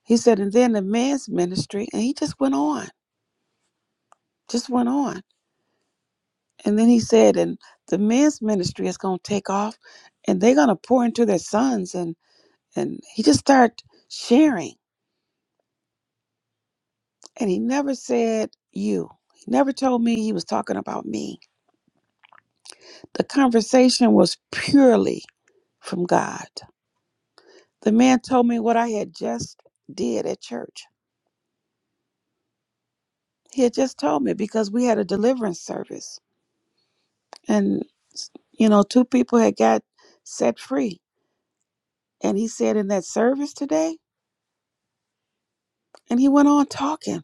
Speaker 1: He said, and then the men's ministry, and he just went on, just went on. And then he said, and the men's ministry is going to take off and they're going to pour into their sons. And, and he just started sharing. And he never said, you. He never told me he was talking about me. The conversation was purely from God. The man told me what I had just did at church. He had just told me because we had a deliverance service. And, you know, two people had got set free. And he said, in that service today, and he went on talking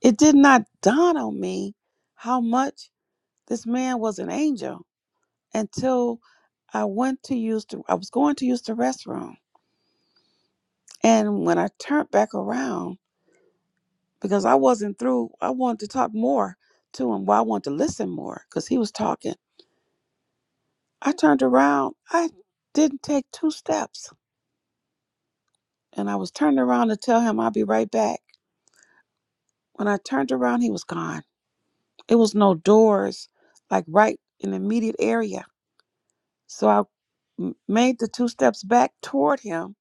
Speaker 1: It did not dawn on me how much this man was an angel until I went to use the I was going to use the restroom. And when I turned back around, because I wasn't through, I wanted to talk more to him. Well, I wanted to listen more because he was talking. I turned around. I didn't take two steps. And I was turned around to tell him I'll be right back. When I turned around, he was gone. It was no doors, like right in the immediate area. So I m- made the two steps back toward him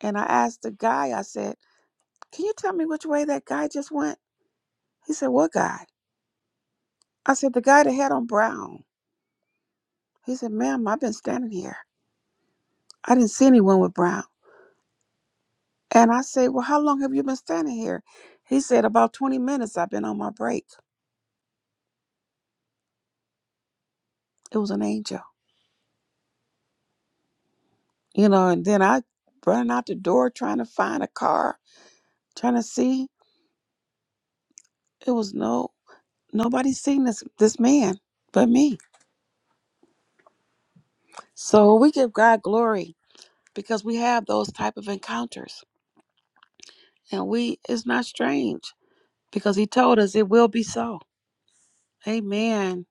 Speaker 1: and I asked the guy, I said, Can you tell me which way that guy just went? He said, What guy? I said, The guy that had on brown. He said, Ma'am, I've been standing here. I didn't see anyone with brown. And I said, Well, how long have you been standing here? He said, About 20 minutes. I've been on my break. It was an angel. You know, and then I running out the door trying to find a car, trying to see. It was no nobody seen this this man but me. So we give God glory because we have those type of encounters. And we it's not strange because he told us it will be so. Amen.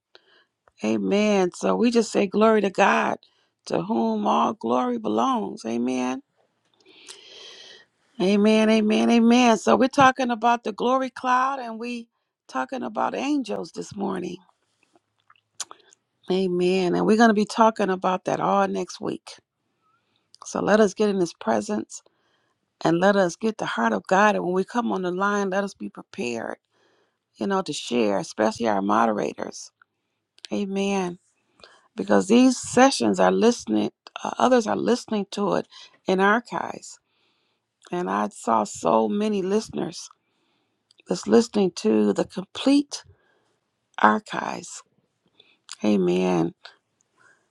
Speaker 1: Amen. So we just say glory to God to whom all glory belongs. Amen. Amen. Amen. Amen. So we're talking about the glory cloud and we talking about angels this morning. Amen. And we're going to be talking about that all next week. So let us get in his presence and let us get the heart of God. And when we come on the line, let us be prepared, you know, to share, especially our moderators. Amen. Because these sessions are listening, uh, others are listening to it in archives. And I saw so many listeners that's listening to the complete archives. Amen.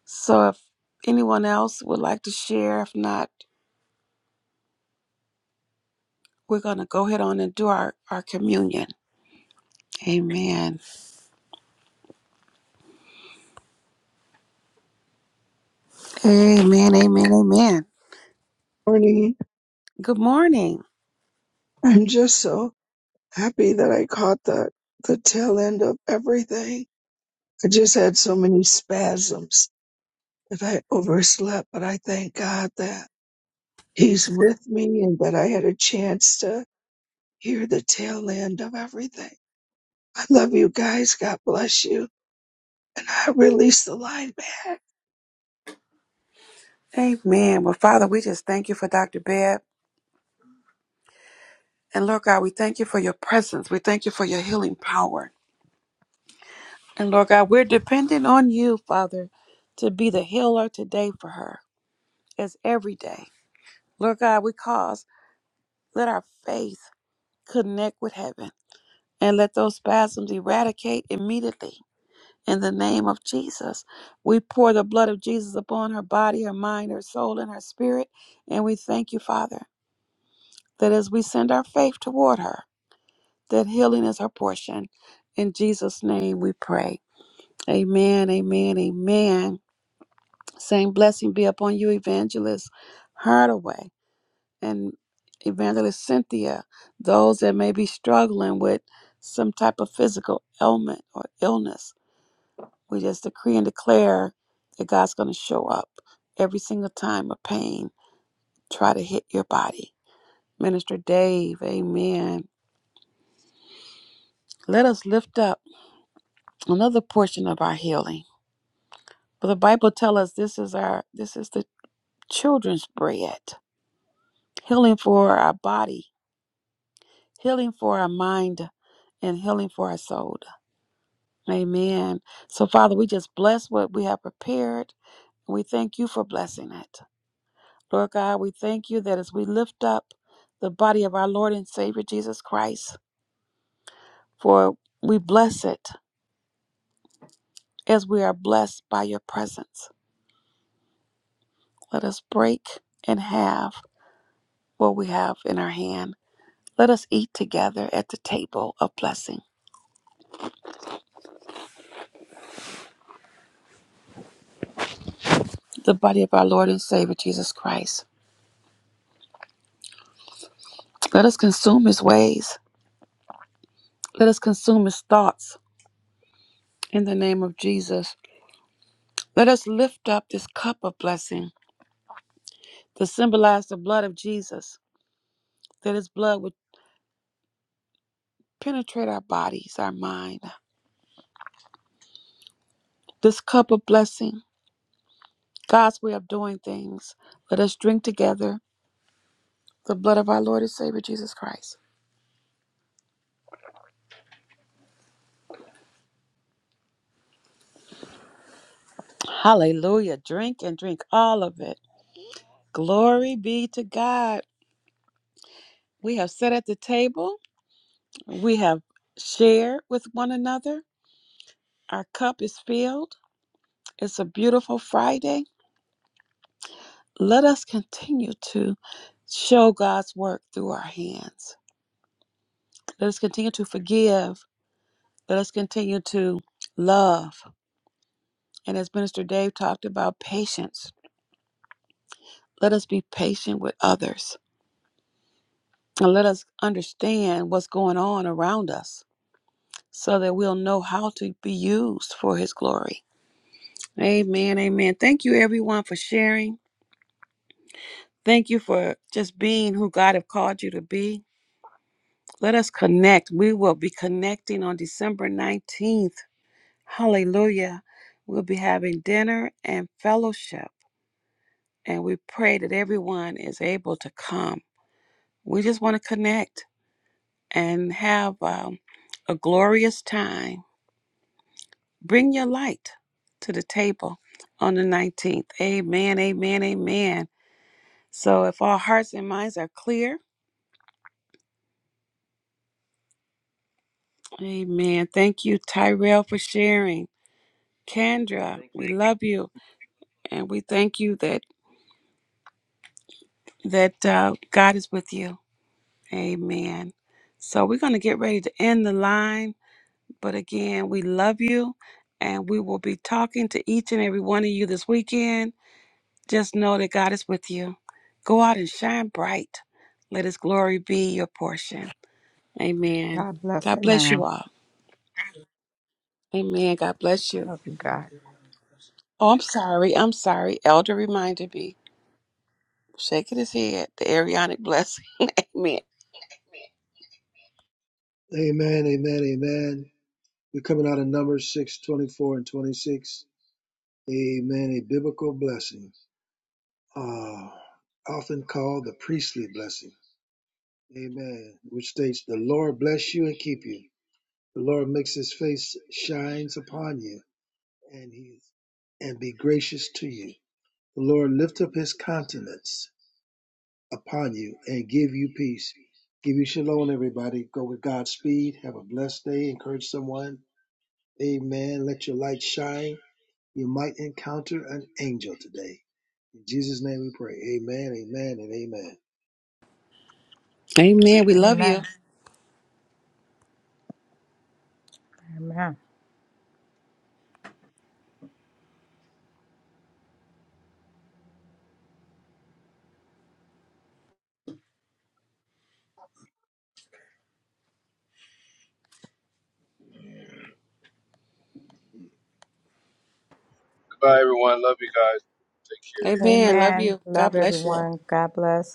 Speaker 1: So if anyone else would like to share, if not, we're going to go ahead on and do our, our communion. Amen. Amen. Amen. Amen.
Speaker 7: morning.
Speaker 1: Good morning.
Speaker 7: I'm just so happy that I caught the the tail end of everything. I just had so many spasms that I overslept, but I thank God that He's with me and that I had a chance to hear the tail end of everything. I love you guys. God bless you. I release the line back.
Speaker 1: Amen. Well, Father, we just thank you for Dr. Bebb. And Lord God, we thank you for your presence. We thank you for your healing power. And Lord God, we're dependent on you, Father, to be the healer today for her, as every day. Lord God, we cause, let our faith connect with heaven and let those spasms eradicate immediately. In the name of Jesus, we pour the blood of Jesus upon her body, her mind, her soul, and her spirit. And we thank you, Father. that as we send our faith toward her, that healing is her portion. In Jesus' name we pray. Amen, amen, amen. Same blessing be upon you, Evangelist Hardaway and Evangelist Cynthia, those that may be struggling with some type of physical ailment or illness. We just decree and declare that God's going to show up every single time a pain try to hit your body. Minister Dave, amen. Let us lift up. another portion of our healing. But the Bible tells us this is our this is the children's bread. Healing for our body, healing for our mind, and healing for our soul. Amen. So Father, we just bless what we have prepared. We thank you for blessing it. Lord God, we thank you that as we lift up the body of our Lord and Savior Jesus Christ, for we bless it as we are blessed by your presence. Let us break and have what we have in our hand. Let us eat together at the table of blessing, the body of our Lord and Savior Jesus Christ. Let us consume his ways. Let us consume his thoughts in the name of Jesus. Let us lift up this cup of blessing to symbolize the blood of Jesus, that his blood would penetrate our bodies, our mind. This cup of blessing, God's way of doing things. Let us drink together the blood of our Lord and Savior Jesus Christ. Hallelujah. Drink and drink all of it. Glory be to God. We have sat at the table. We have shared with one another. Our cup is filled. It's a beautiful Friday. Let us continue to show God's work through our hands. Let us continue to forgive. Let us continue to love. And as Minister Dave talked about patience, let us be patient with others and let us understand what's going on around us so that we'll know how to be used for His glory. Amen. Amen. Thank you, everyone, for sharing. Thank you for just being who God have called you to be. Let us connect. We will be connecting on December 19th. Hallelujah. We'll be having dinner and fellowship, and we pray that everyone is able to come. We just want to connect and have um, a glorious time. Bring your light to the table on the 19th. Amen. Amen. Amen. So if our hearts and minds are clear, Amen. Thank you, Tyrell, for sharing. Kendra, we love you, and we thank you that that uh, God is with you. Amen. So we're going to get ready to end the line, but again, we love you, and we will be talking to each and every one of you this weekend. Just know that God is with you. Go out and shine bright. Let His glory be your portion. Amen.
Speaker 5: God bless
Speaker 1: God
Speaker 5: it,
Speaker 1: bless you
Speaker 5: ma'am.
Speaker 1: all. Amen. God bless you.
Speaker 5: Love you, God.
Speaker 1: Oh, I'm sorry. I'm sorry. Elder reminded me. shaking his head. The Arianic blessing. *laughs* Amen.
Speaker 2: Amen, amen, amen. We're coming out of Numbers 6:24 and 26. Amen. A biblical blessing, uh, often called the priestly blessing. Amen. Which states, The Lord bless you and keep you. The Lord makes his face shines upon you and he and be gracious to you. The Lord lift up his countenance upon you and give you peace. Give you shalom, everybody. Go with God's speed. Have a blessed day. Encourage someone. Amen. Let your light shine. You might encounter an angel today. In Jesus' name we pray. Amen, amen, and amen.
Speaker 1: Amen. We love you.
Speaker 5: Amen. Amen.
Speaker 1: Amen. Love
Speaker 5: Amen.
Speaker 1: you. God
Speaker 5: Love
Speaker 1: bless you.
Speaker 5: everyone. God bless.